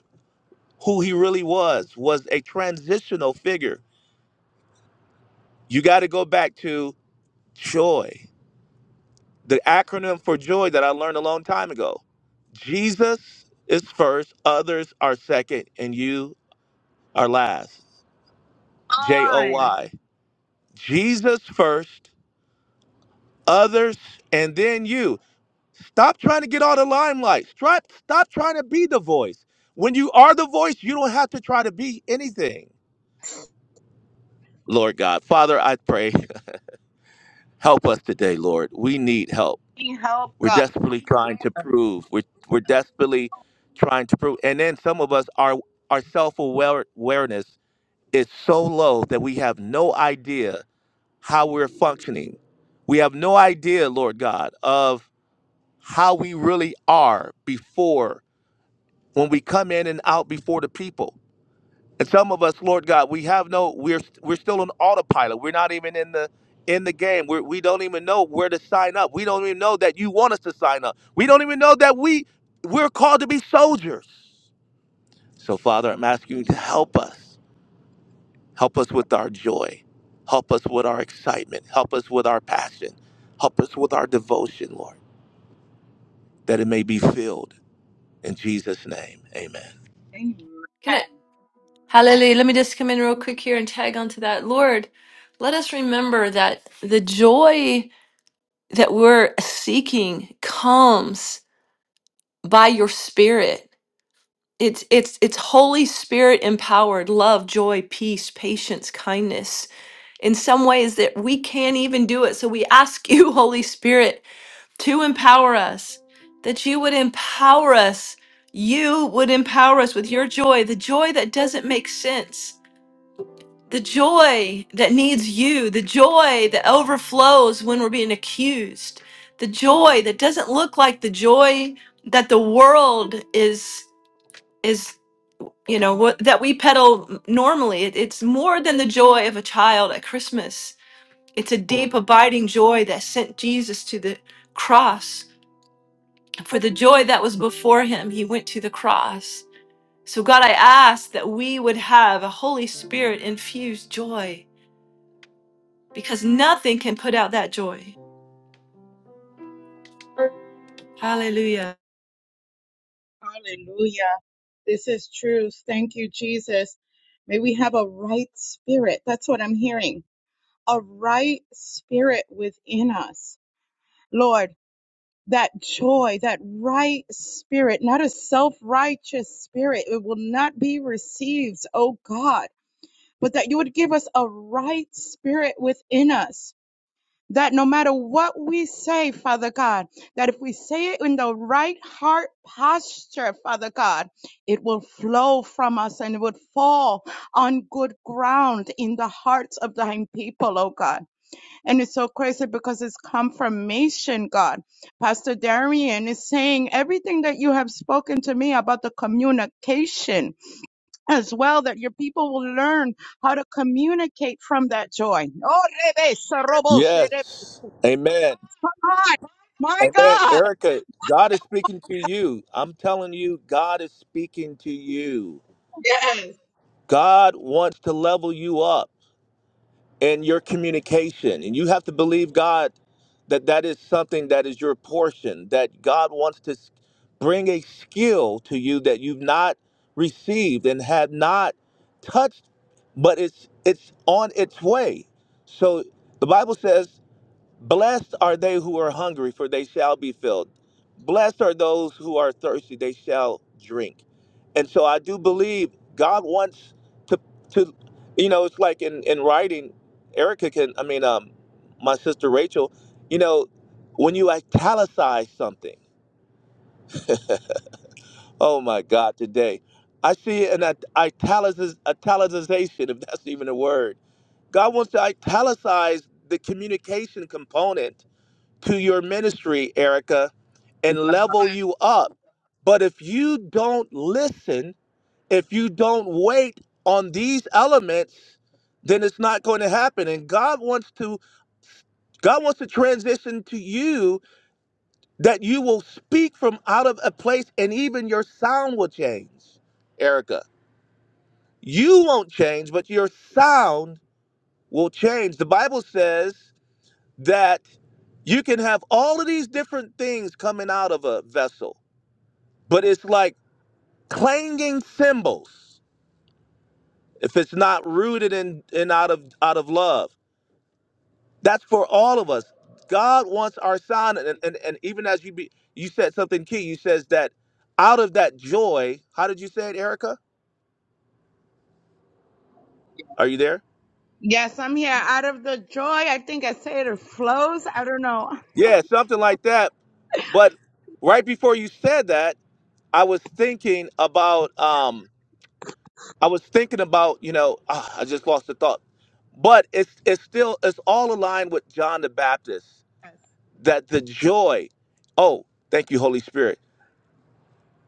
who he really was was a transitional figure. You got to go back to joy, the acronym for joy that I learned a long time ago. Jesus is first, others are second, and you are last. J O on. Y. Jesus first, others, and then you. Stop trying to get all the limelight. Stop, stop trying to be the voice. When you are the voice, you don't have to try to be anything. Lord God, Father, I pray, <laughs> help us today, Lord. We need help. We Help We're God. desperately trying to prove. We're, we're desperately trying to prove. And then some of us, our, our self awareness is so low that we have no idea how we're functioning. We have no idea, Lord God, of how we really are before when we come in and out before the people. And some of us, Lord God, we have no we're we're still on autopilot. We're not even in the in the game. We're, we don't even know where to sign up. We don't even know that you want us to sign up. We don't even know that we we're called to be soldiers. So Father, I'm asking you to help us. Help us with our joy. Help us with our excitement. Help us with our passion. Help us with our devotion, Lord, that it may be filled in Jesus name. Amen. Amen. Can I? Hallelujah. Let me just come in real quick here and tag onto that. Lord, let us remember that the joy. that we're seeking comes by your spirit. It's it's it's Holy Spirit empowered love, joy, peace, patience, kindness in some ways that we can't even do it. So we ask you, <laughs> Holy Spirit, to empower us, that you would empower us. You would empower us with your joy, the joy that doesn't make sense the joy that needs you, the joy that overflows when we're being accused, the joy that doesn't look like the joy that the world is is you know what that we peddle normally. It- it's more than the joy of a child at Christmas. It's a deep abiding joy that sent Jesus to the cross. For the joy that was before him, he went to the cross. So God, I ask that we would have a Holy Spirit infused joy because nothing can put out that joy. Hallelujah. Hallelujah. This is truth. Thank you, Jesus. May we have a right spirit. That's what I'm hearing. A right spirit within us. Lord, that joy, that right spirit, not a self righteous spirit. It will not be received, oh God, but that you would give us a right spirit within us that no matter what we say, Father God, that if we say it in the right heart posture, Father God, it will flow from us and it would fall on good ground in the hearts of thine people, oh God. And it's so crazy because it's confirmation, God. Pastor Darian is saying everything that you have spoken to me about the communication as well, that your people will learn how to communicate from that joy. Oh, Yes. Amen. God. My Amen. God. Erica, God is speaking to you. I'm telling you, God is speaking to you. Yes. God wants to level you up. and your communication. And you have to believe God that that is something that is your portion, that God wants to s- bring a skill to you that you've not received and have not touched, but it's it's on its way. So the Bible says Blessed are they who are hungry, for they shall be filled. Blessed are those who are thirsty, they shall drink. And so I do believe God wants to to you know, it's like in, in writing, Erica can I mean um my sister Rachel, you know, when you italicize something, oh my God, today. I see an it- italicis italicization, <laughs> if that's even a word. God wants to italicize the communication component to your ministry, Erica and level you up. But if you don't listen, if you don't wait on these elements, then it's not going to happen. And God wants to God wants to transition to you that you will speak from out of a place and even your sound will change. Erica, you won't change, but your sound will change. The Bible says that you can have all of these different things coming out of a vessel, but it's like clanging cymbals if it's not rooted in, in out of out of love that's for all of us god wants our sign, and, and, and even as you be you said something key you says that out of that joy how did you say it erica are you there Yes, I'm here. Out of the joy, I think I say it flows. I don't know. yeah something like that but right before you said that i was thinking about um i was thinking about you know ah, i just lost the thought but it's it's still it's all aligned with john the baptist Yes. that the joy, oh, thank you, Holy Spirit,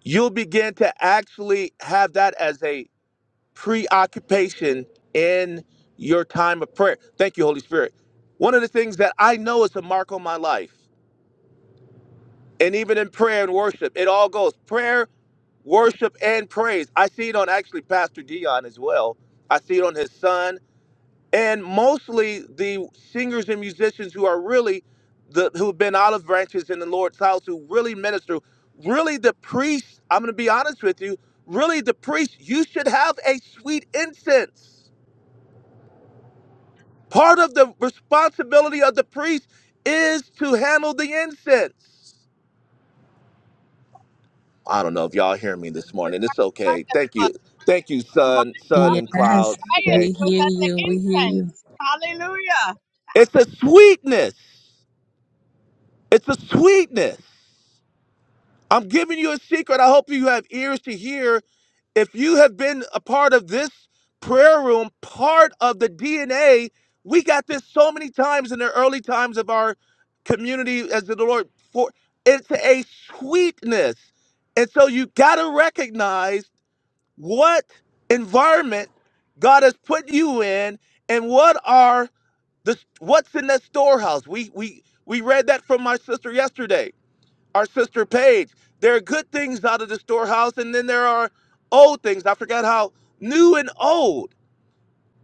you'll begin to actually have that as a preoccupation in your time of prayer. Thank you, Holy Spirit. One of the things that I know is a mark on my life, and even in prayer and worship, it all goes prayer, worship, and praise. I see it on actually Pastor Dion as well. I see it on his son. and mostly the singers and musicians who are really the who've been olive branches in the Lord's house, who really minister, really the priest. I'm going to be honest with you. Really, the priest. You should have a sweet incense. Part of the responsibility of the priest is to handle the incense. I don't know if y'all hear me this was, morning. It's okay. Thank uh, you. Thank you, my sun, sun and God, Yes. clouds Zacharias We today. was hear at the you. We hear you. incense. Hallelujah. It's a sweetness. It's a sweetness. I'm giving you a secret. I hope you have ears to hear. If you have been a part of this prayer room, part of the DNA, we got this so many times in the early times of our community as the Lord for it's a sweetness. And so you got to recognize what environment God has put you in and what are the what's in that storehouse. We we we read that from my sister yesterday our sister Paige. There are good things out of the storehouse, and then there are old things. I forgot how new and old.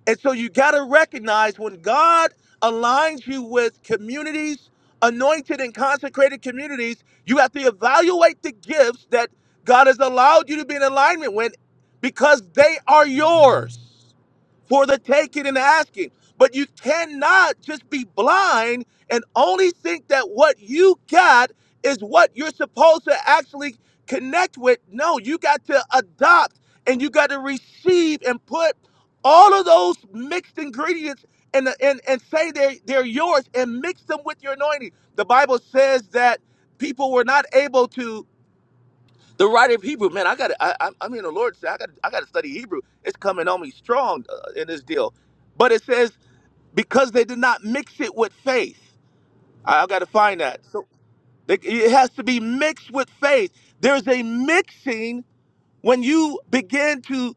And so you got to recognize when God aligns you with communities, anointed and consecrated communities, you have to evaluate the gifts that God has allowed you to be in alignment with because they are yours for the taking and asking. But you cannot just be blind and only think that what you got is what you're supposed to actually connect with. No, you got to adopt and you got to receive and put all of those mixed ingredients and in the- and, and say they're, they're yours and mix them with your anointing. The Bible says that people were not able to. The writer of Hebrew, man, I got to I, I'm I'm hearing the Lord say, I got, I got to study Hebrew. It's coming on me strong uh, in this deal. But it says because they did not mix it with faith. I, I got to find that. So they, it has to be mixed with faith. There's a mixing when you begin to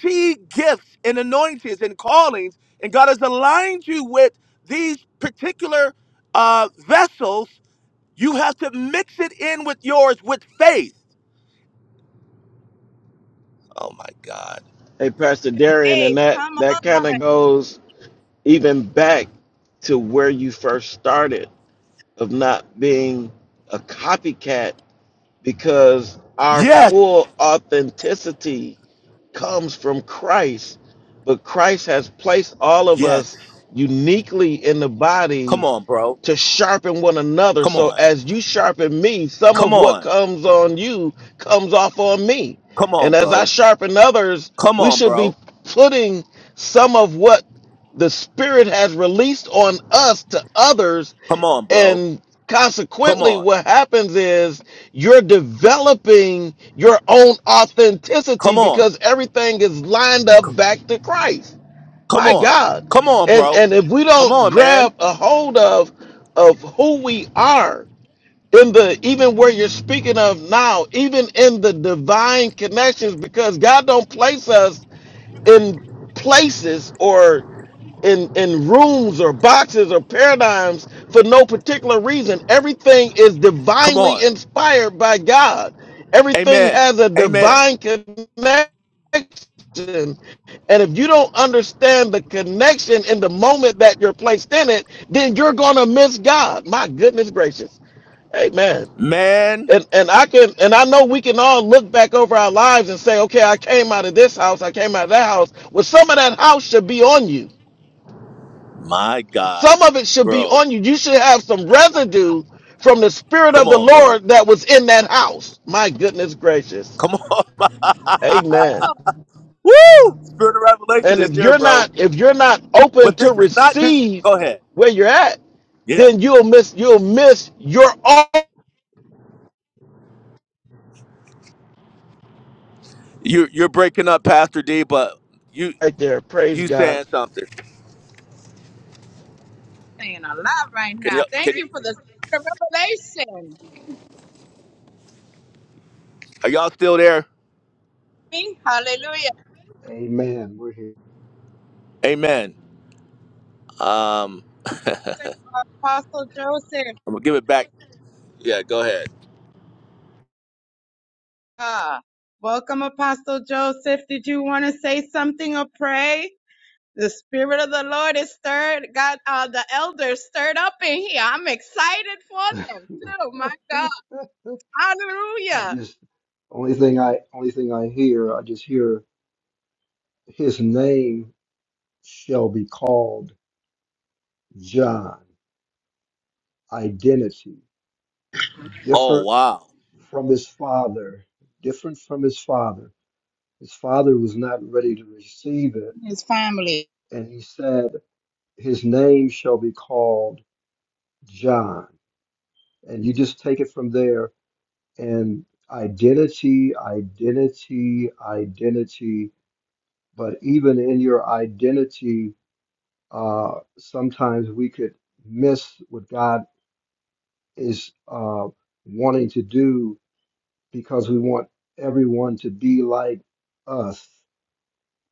see gifts and anointings and callings, and God has aligned you with these particular uh, vessels. You have to mix it in with yours with faith. Oh my God. Hey, Pastor Darian, Hey, and that come on. that kind of goes even back to where you first started of not being a copycat because our Yes, full authenticity comes from Christ, but Christ has placed all of yes. us uniquely in the body Come on, bro. to sharpen one another. Come So on. as you sharpen me, some Come of what on. comes on you comes off on me. Come on, And as I bro. sharpen others, Come we on, should be bro. putting some of what the Spirit has released on us to others. Come on, bro. And Come consequently, on. what happens is you're developing your own authenticity Come on. because everything is lined up back to Christ. Come My on. God. Come on, And bro. and if we Come don't on, man. grab a hold of of who we are in the even where you're speaking of now, even in the divine connections, because God don't place us in places or in in rooms or boxes or paradigms for no particular reason. Everything is Come divinely on. inspired by God. Everything Amen. has a Amen. divine connection. And if you don't understand the connection in the moment that you're placed in it, then you're going to miss God. My goodness gracious. Amen Man, and and I can and I know we can all look back over our lives and say, okay, I came out of this house, I came out of that house. Well, some of that house should be on you. my God, Some of it should be bro. on you. You should have some residue from the spirit Come of the on, bro. Lord that was in that house. My goodness gracious. Come on. Amen. <laughs> Woo! Spirit of revelation And is if here, you're bro. not if you're not open But this to is not just. receive Go ahead. where you're at, Yeah. then you'll miss you'll miss your all You you're breaking up, Pastor D. But you right there. Praise you God. saying something? Saying a lot right Can now. you Thank can? you for the spirit of revelation. Are y'all still there? Me? Hallelujah. Amen. We're here. Amen. Um, Apostle Joseph. I'm gonna give it back. Yeah, go ahead. Ah, welcome, Apostle Joseph. Did you want to say something or pray? The spirit of the Lord is stirred. Got uh, the elders stirred up in here. I'm excited for them too. My God, I Hallelujah! just only thing I only thing I hear, I just hear his name shall be called John. Identity. Oh Different wow. from his father. Different from his father. His father was not ready to receive it. His family. And he said, His name shall be called John. And you just take it from there and identity, identity, identity. but even in your identity, uh, sometimes we could miss what God is uh, wanting to do because we want everyone to be like us.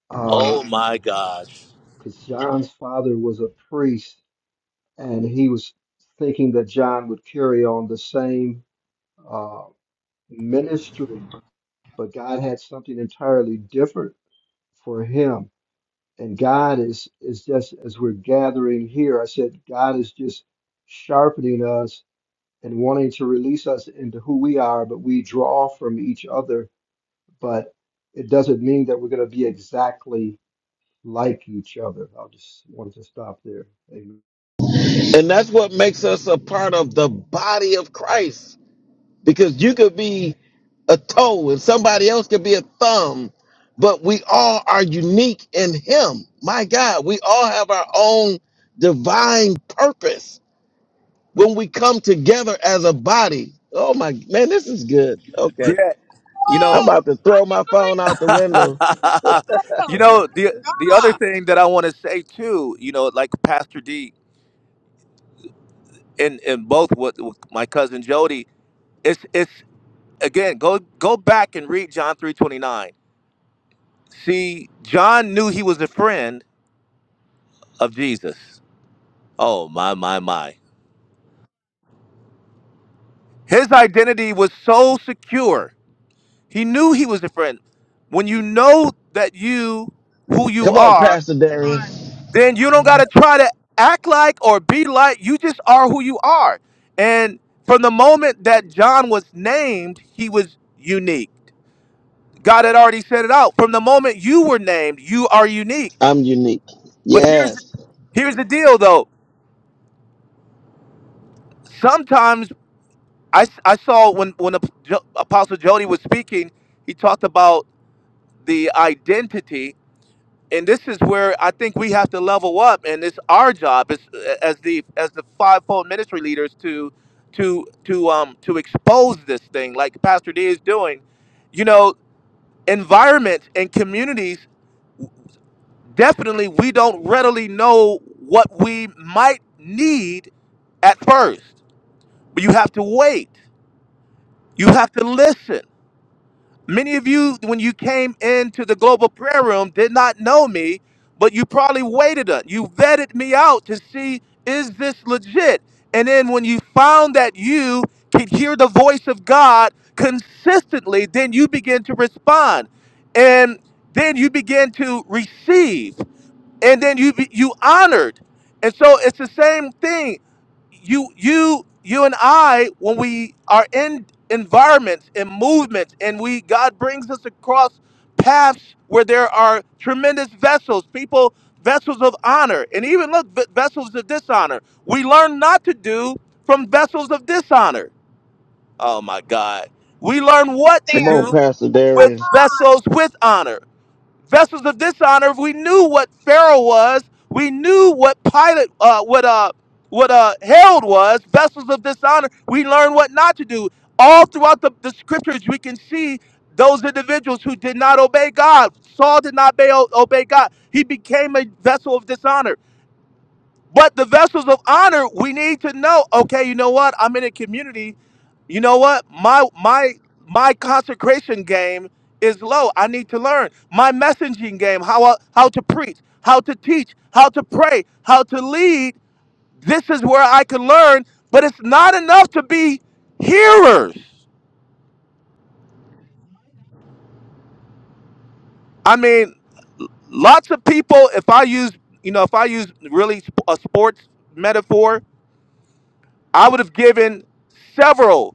Because Oh my gosh. John's father was a priest, and he was thinking that John would carry on the same uh, ministry, but God had something entirely different for him and God is is just as we're gathering here. I said God is just sharpening us and wanting to release us into who we are, but we draw from each other. But it doesn't mean that we're going to be exactly like each other. I will just wanted to stop there. Amen. And that's what makes us a part of the body of Christ. because you could be a toe and somebody else could be a thumb, but we all are unique in Him. My God, we all have our own divine purpose when we come together as a body. Oh my man, this is good. Okay, Yeah. You I'm know. Oh, about to throw my phone Hallelujah! out the <laughs> window. you Oh, my know the the other God. thing that I want to say too. You know, like Pastor D and and both with, with my cousin Jody. It's it's again go go back and read John three twenty nine. See, John knew he was a friend of Jesus. Oh my my my. His identity was so secure He knew he was different. When you know that you who you Come on, are, Pastor Darian. arm, then you don't gotta try to act like or be like. You just are who you are. And from the moment that John was named, he was unique. God had already set it out. From the moment you were named, you are unique. I'm unique. But here's Yes. here's the deal, though. Sometimes I, I saw when when Ap- Jo- Apostle Jody was speaking, he talked about the identity and this is where I think we have to level up, and it's our job as as the as the fivefold ministry leaders to to to um to expose this thing like Pastor D is doing. You know, environment and communities definitely we don't readily know what we might need at first, but you have to wait. You have to listen. Many of you, when you came into the global prayer room, did not know me, but you probably waited on. You vetted me out to see is this legit. And then when you found that you could hear the voice of God consistently, then you begin to respond, and then you begin to receive and then you be- you honored and so it's the same thing you you you and i when we are in environments and movements and we god brings us across paths where there are tremendous vessels people vessels of honor and even look v- vessels of dishonor we learn not to do from vessels of dishonor oh my god we learn and what to they Come on, do Pastor with Darian. vessels with honor vessels of dishonor. we knew what Pharaoh was, we knew what Pilate, uh, what uh, what uh, Herod was, vessels of dishonor. We learned what not to do. All throughout the, the scriptures, we can see those individuals who did not obey God. Saul did not obey, obey God. He became a vessel of dishonor. But the vessels of honor, we need to know, okay, you know what? I'm in a community. You know what? My my my consecration game is low. I need to learn. My messaging game, how I- how to preach, how to teach, how to pray, how to lead. This is where I can learn, but it's not enough to be hearers. I mean, lots of people if I use, you know, if I use really sp- a sports metaphor, I would have given several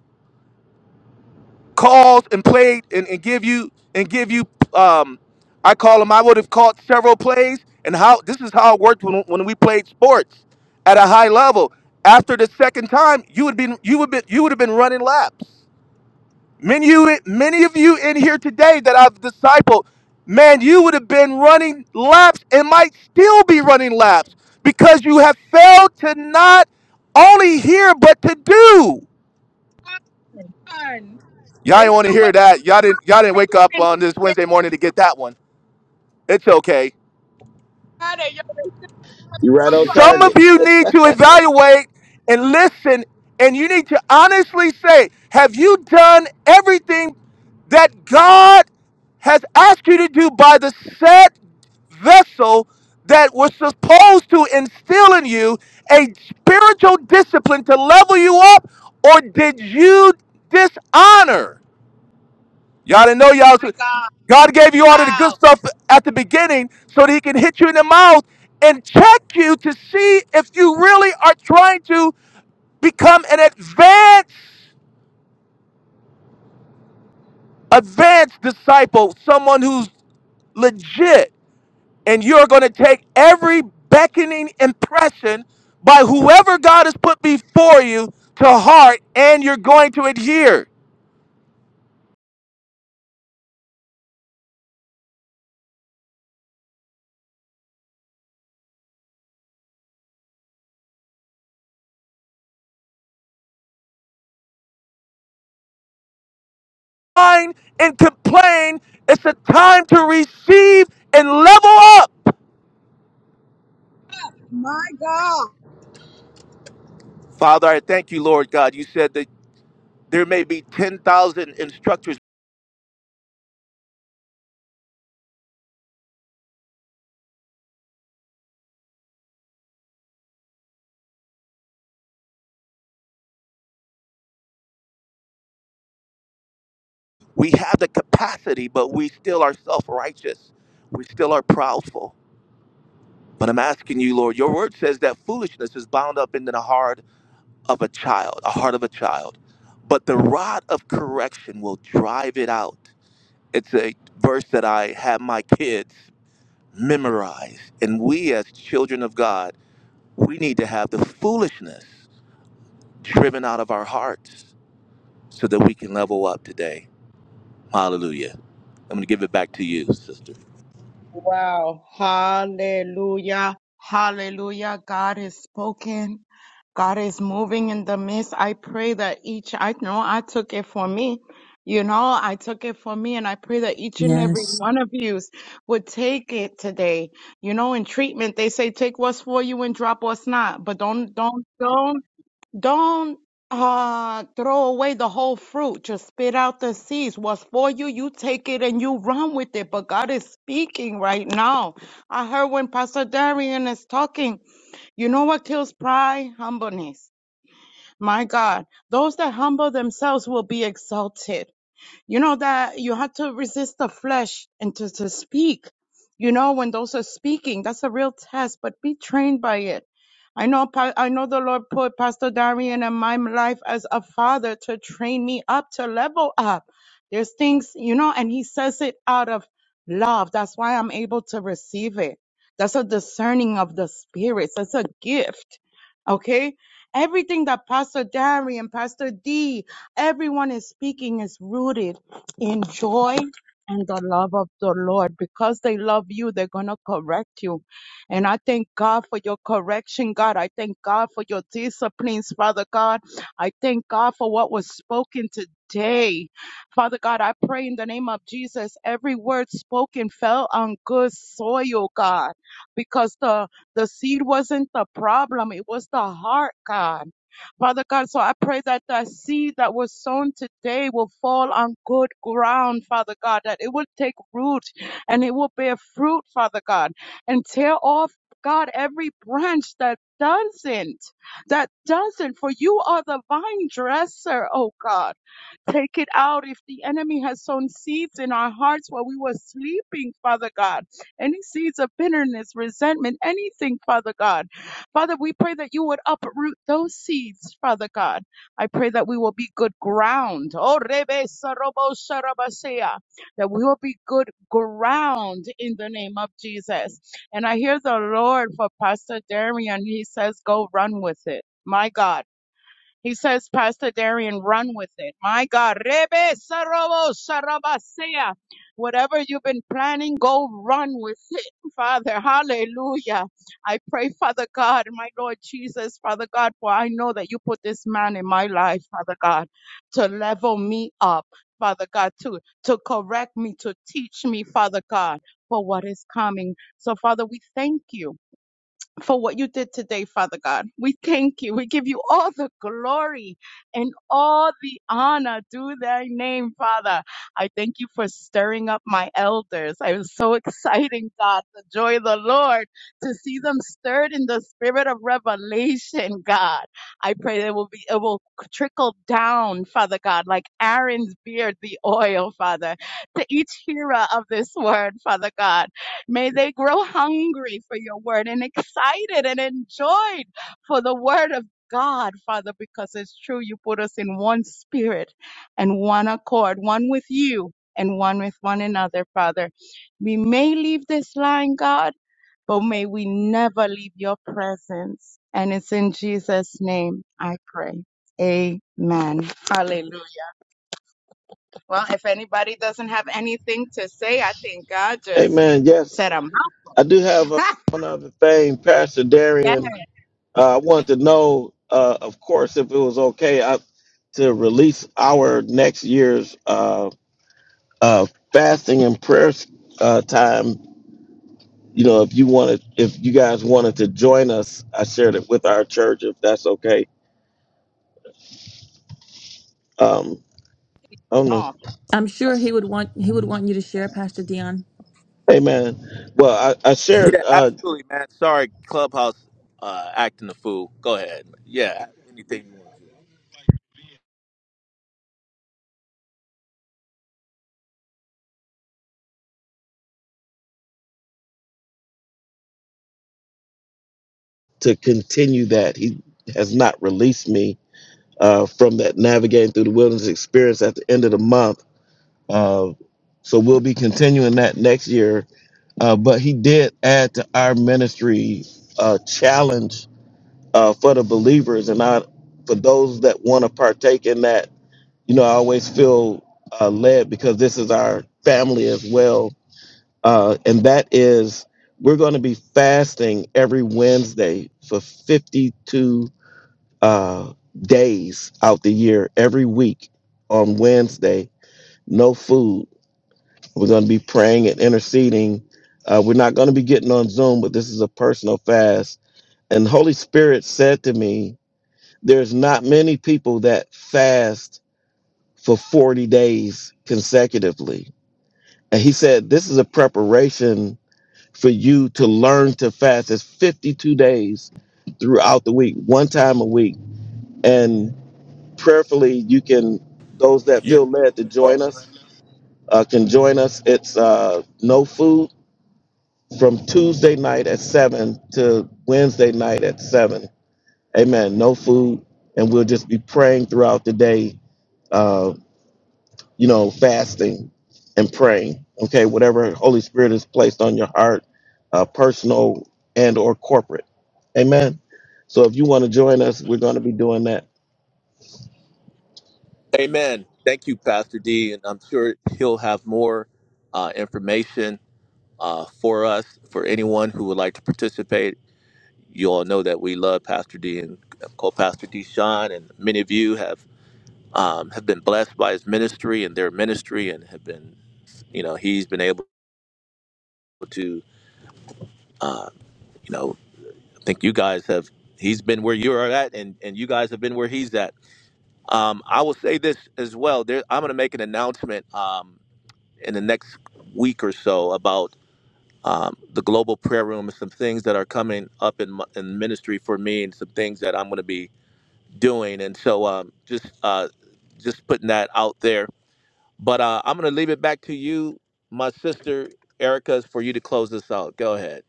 Calls and played and, and give you and give you um I call them I would have caught several plays and how this is how it worked when, when we played sports at a high level. After the second time, you would be you would be you would have been running laps. Many you many of you in here today that I've discipled, man, you would have been running laps and might still be running laps because you have failed to not only hear but to do. are done. Y'all They didn't want to still hear wait that. Y'all didn't y'all didn't for wake up on this information. Wednesday morning to get that one. It's okay. Friday, yo, they You're right on still Some of target. you information. need to evaluate and listen and you need to honestly say, have you done everything that God has asked you to do by the set vessel that was supposed to instill in you a spiritual discipline to level you up or did you dishonor? Y'all didn't know y'all. My was- God, God gave you all of the good wow, stuff at the beginning so that He can hit you in the mouth and check you to see if you really are trying to become an advanced, advanced disciple, someone who's legit. And you're going to take every beckoning impression by whoever God has put before you to heart, and you're going to adhere. Whine and complain. It's a time to receive and level up. my God, Father, I thank you, Lord God. You said that there may be 10,000 instructors. We have the capacity, but we still are self righteous. We still are proudful. But I'm asking you, Lord, your word says that foolishness is bound up in the heart of a child, a heart of a child. But the rod of correction will drive it out. It's a verse that I have my kids memorize. And we, as children of God, we need to have the foolishness driven out of our hearts so that we can level up today. Hallelujah. I'm going to give it back to you, sister. wow, Hallelujah, Hallelujah. God has spoken. God is moving in the midst. I pray that each, I know I took it for me. You know, I took it for me and I pray that each and every Yes. one of you would take it today. You know, in treatment, they say take what's for you and drop what's not, but don't, don't, don't, don't, uh, throw away the whole fruit. Just spit out the seeds. What's for you, you take it and you run with it. But God is speaking right now. I heard when Pastor Darian is talking, you know what kills pride? Humbleness. My God, those that humble themselves will be exalted you know that you have to resist the flesh and to, to speak you know when those are speaking that's a real test but be trained by it i know Pa- i know the lord put pastor darian in my life as a father to train me up to level up there's things you know and he says it out of love that's why i'm able to receive it that's a discerning of the spirits that's a gift okay everything that pastor darian pastor d everyone is speaking is rooted in joy and the love of the Lord. Because they love you, they're going to correct you. And I thank God for your correction, God. I thank God for your disciplines, Father God. I thank God for what was spoken today. Father God, I pray in the name of Jesus, every word spoken fell on good soil, God, because the, the seed wasn't the problem. It was the heart, God. Father God, so I pray that the seed that was sown today will fall on good ground, Father God, that it will take root and it will bear fruit, Father God, and tear off, God, every branch that doesn't, that doesn't, for you are the vine dresser, oh God. Take it out if the enemy has sown seeds in our hearts while we were sleeping, Father God. Any seeds of bitterness, resentment, anything, Father God. Father, we pray that you would uproot those seeds, Father God. I pray that we will be good ground. Oh, Rebe Sarobo Sharabasea. That we will be good ground in the name of Jesus. And I hear the Lord for Pastor Darian. He says, go run with it. My God. He says, Pastor Darian, run with it. My God, Rebe Sarobo Sarabasea. Whatever you've been planning, go run with it, Father. Hallelujah. I pray, Father God, my Lord Jesus, Father God, for I know that you put this man in my life, Father God, to level me up, Father God, to, to correct me, to teach me, Father God, for what is coming. So, Father, we thank you for what you did today, Father God. We thank you. We give you all the glory and all the honor to thy name, Father. I thank you for stirring up my elders. I was so <laughs> exciting, God, the joy of the Lord, to see them stirred in the spirit of revelation, God. I pray that it will be it will trickle down, Father God, like Aaron's beard, the oil, Father, to each hearer of this word, Father God. May they grow hungry for your word and excited and enjoyed for the word of God, Father, because it's true. You put us in one spirit and one accord, one with you and one with one another, Father. We may leave this line, God, but may we never leave your presence. And it's in Jesus' name I pray. Amen. Hallelujah. Well, if anybody doesn't have anything to say, I think God just Amen. Yes, set them I do have uh up. one other thing, Pastor <laughs> Darian. Uh, I wanted to know, uh, of course, if it was okay uh, to release our next year's uh, uh, fasting and prayer uh, time. You know, if you wanted, if you guys wanted to join us, I shared it with our church. If that's okay, um, I don't know. Oh, I'm sure he would want he would want you to share, Pastor Dion. Amen. Well, I, I shared Yeah, uh, absolutely, man. Sorry, Clubhouse uh, acting a fool. Go ahead. Yeah, anything you want. to continue that. He has not released me uh, from that navigating through the wilderness experience at the end of the month. Uh, so we'll be continuing that next year Uh, but he did add to our ministry uh, challenge uh, for the believers and I, for those that want to partake in that. You know, I always feel uh, led because this is our family as well. Uh, and that is, we're going to be fasting every Wednesday for 52 uh, days out the year, every week on Wednesday, no food we're going to be praying and interceding. Uh, we're not going to be getting on Zoom, but this is a personal fast. And Holy Spirit said to me, there's not many people that fast for 40 days consecutively. And he said, this is a preparation for you to learn to fast. It's 52 days throughout the week, one time a week. And prayerfully, you can, those that You, feel led to join us, uh, can join us. It's uh, no food from Tuesday night at seven to Wednesday night at seven. Amen. No food, and we'll just be praying throughout the day. Uh, you know, fasting and praying. Okay, whatever Holy Spirit has placed on your heart, uh, personal and or corporate. Amen. So if you want to join us, we're going to be doing that. amen. Thank you, Pastor D, and I'm sure he'll have more uh, information uh, for us, for anyone who would like to participate. You all know that we love Pastor D and co-pastor D. Sean, and many of you have um, have been blessed by his ministry and their ministry, and have been, you know, he's been able. to uh, you know i think you guys have he's been where you are at and and you guys have been where he's at um, i will say this as well there i'm going to make an announcement um, in the next week or so about um, the global prayer room and some things that are coming up in, my- in ministry for me and some things that i'm going to be doing and so um, just uh, just putting that out there but uh, i'm going to leave it back to you my sister erica for you to close this out go ahead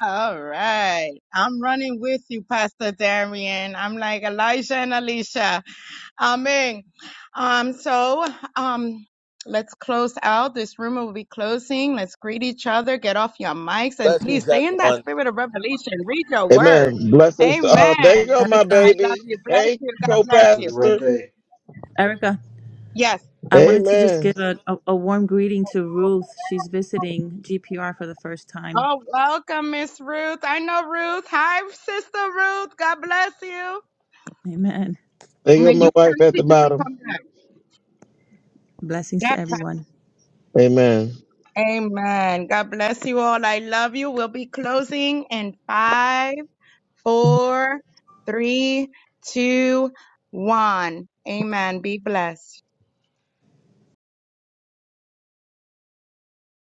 All right. I'm running with you, Pastor Darian. I'm like Elijah and Alicia. Amen. Um, so um let's close out. This room will be closing. Let's greet each other, get off your mics, and please blessings stay in everyone that spirit of revelation. Read your word. Amen. Blessings. To, Amen. uh, there you go, my Erica, I love baby. you. Bless Hey, you. God bless Have a you. great co-pastor. day. Erica, Yes. I wanted to just Amen. give a, a, a warm greeting to Ruth. She's visiting GPR for the first time. Oh, welcome, Miss Ruth. I know Ruth. Hi, Sister Ruth. God bless you. Amen. There you May go, my you wife at the continue to bottom. come back. Blessings Yes. to everyone. Amen. Amen. God bless you all. I love you. We'll be closing in five, four, three, two, one. Amen. Be blessed.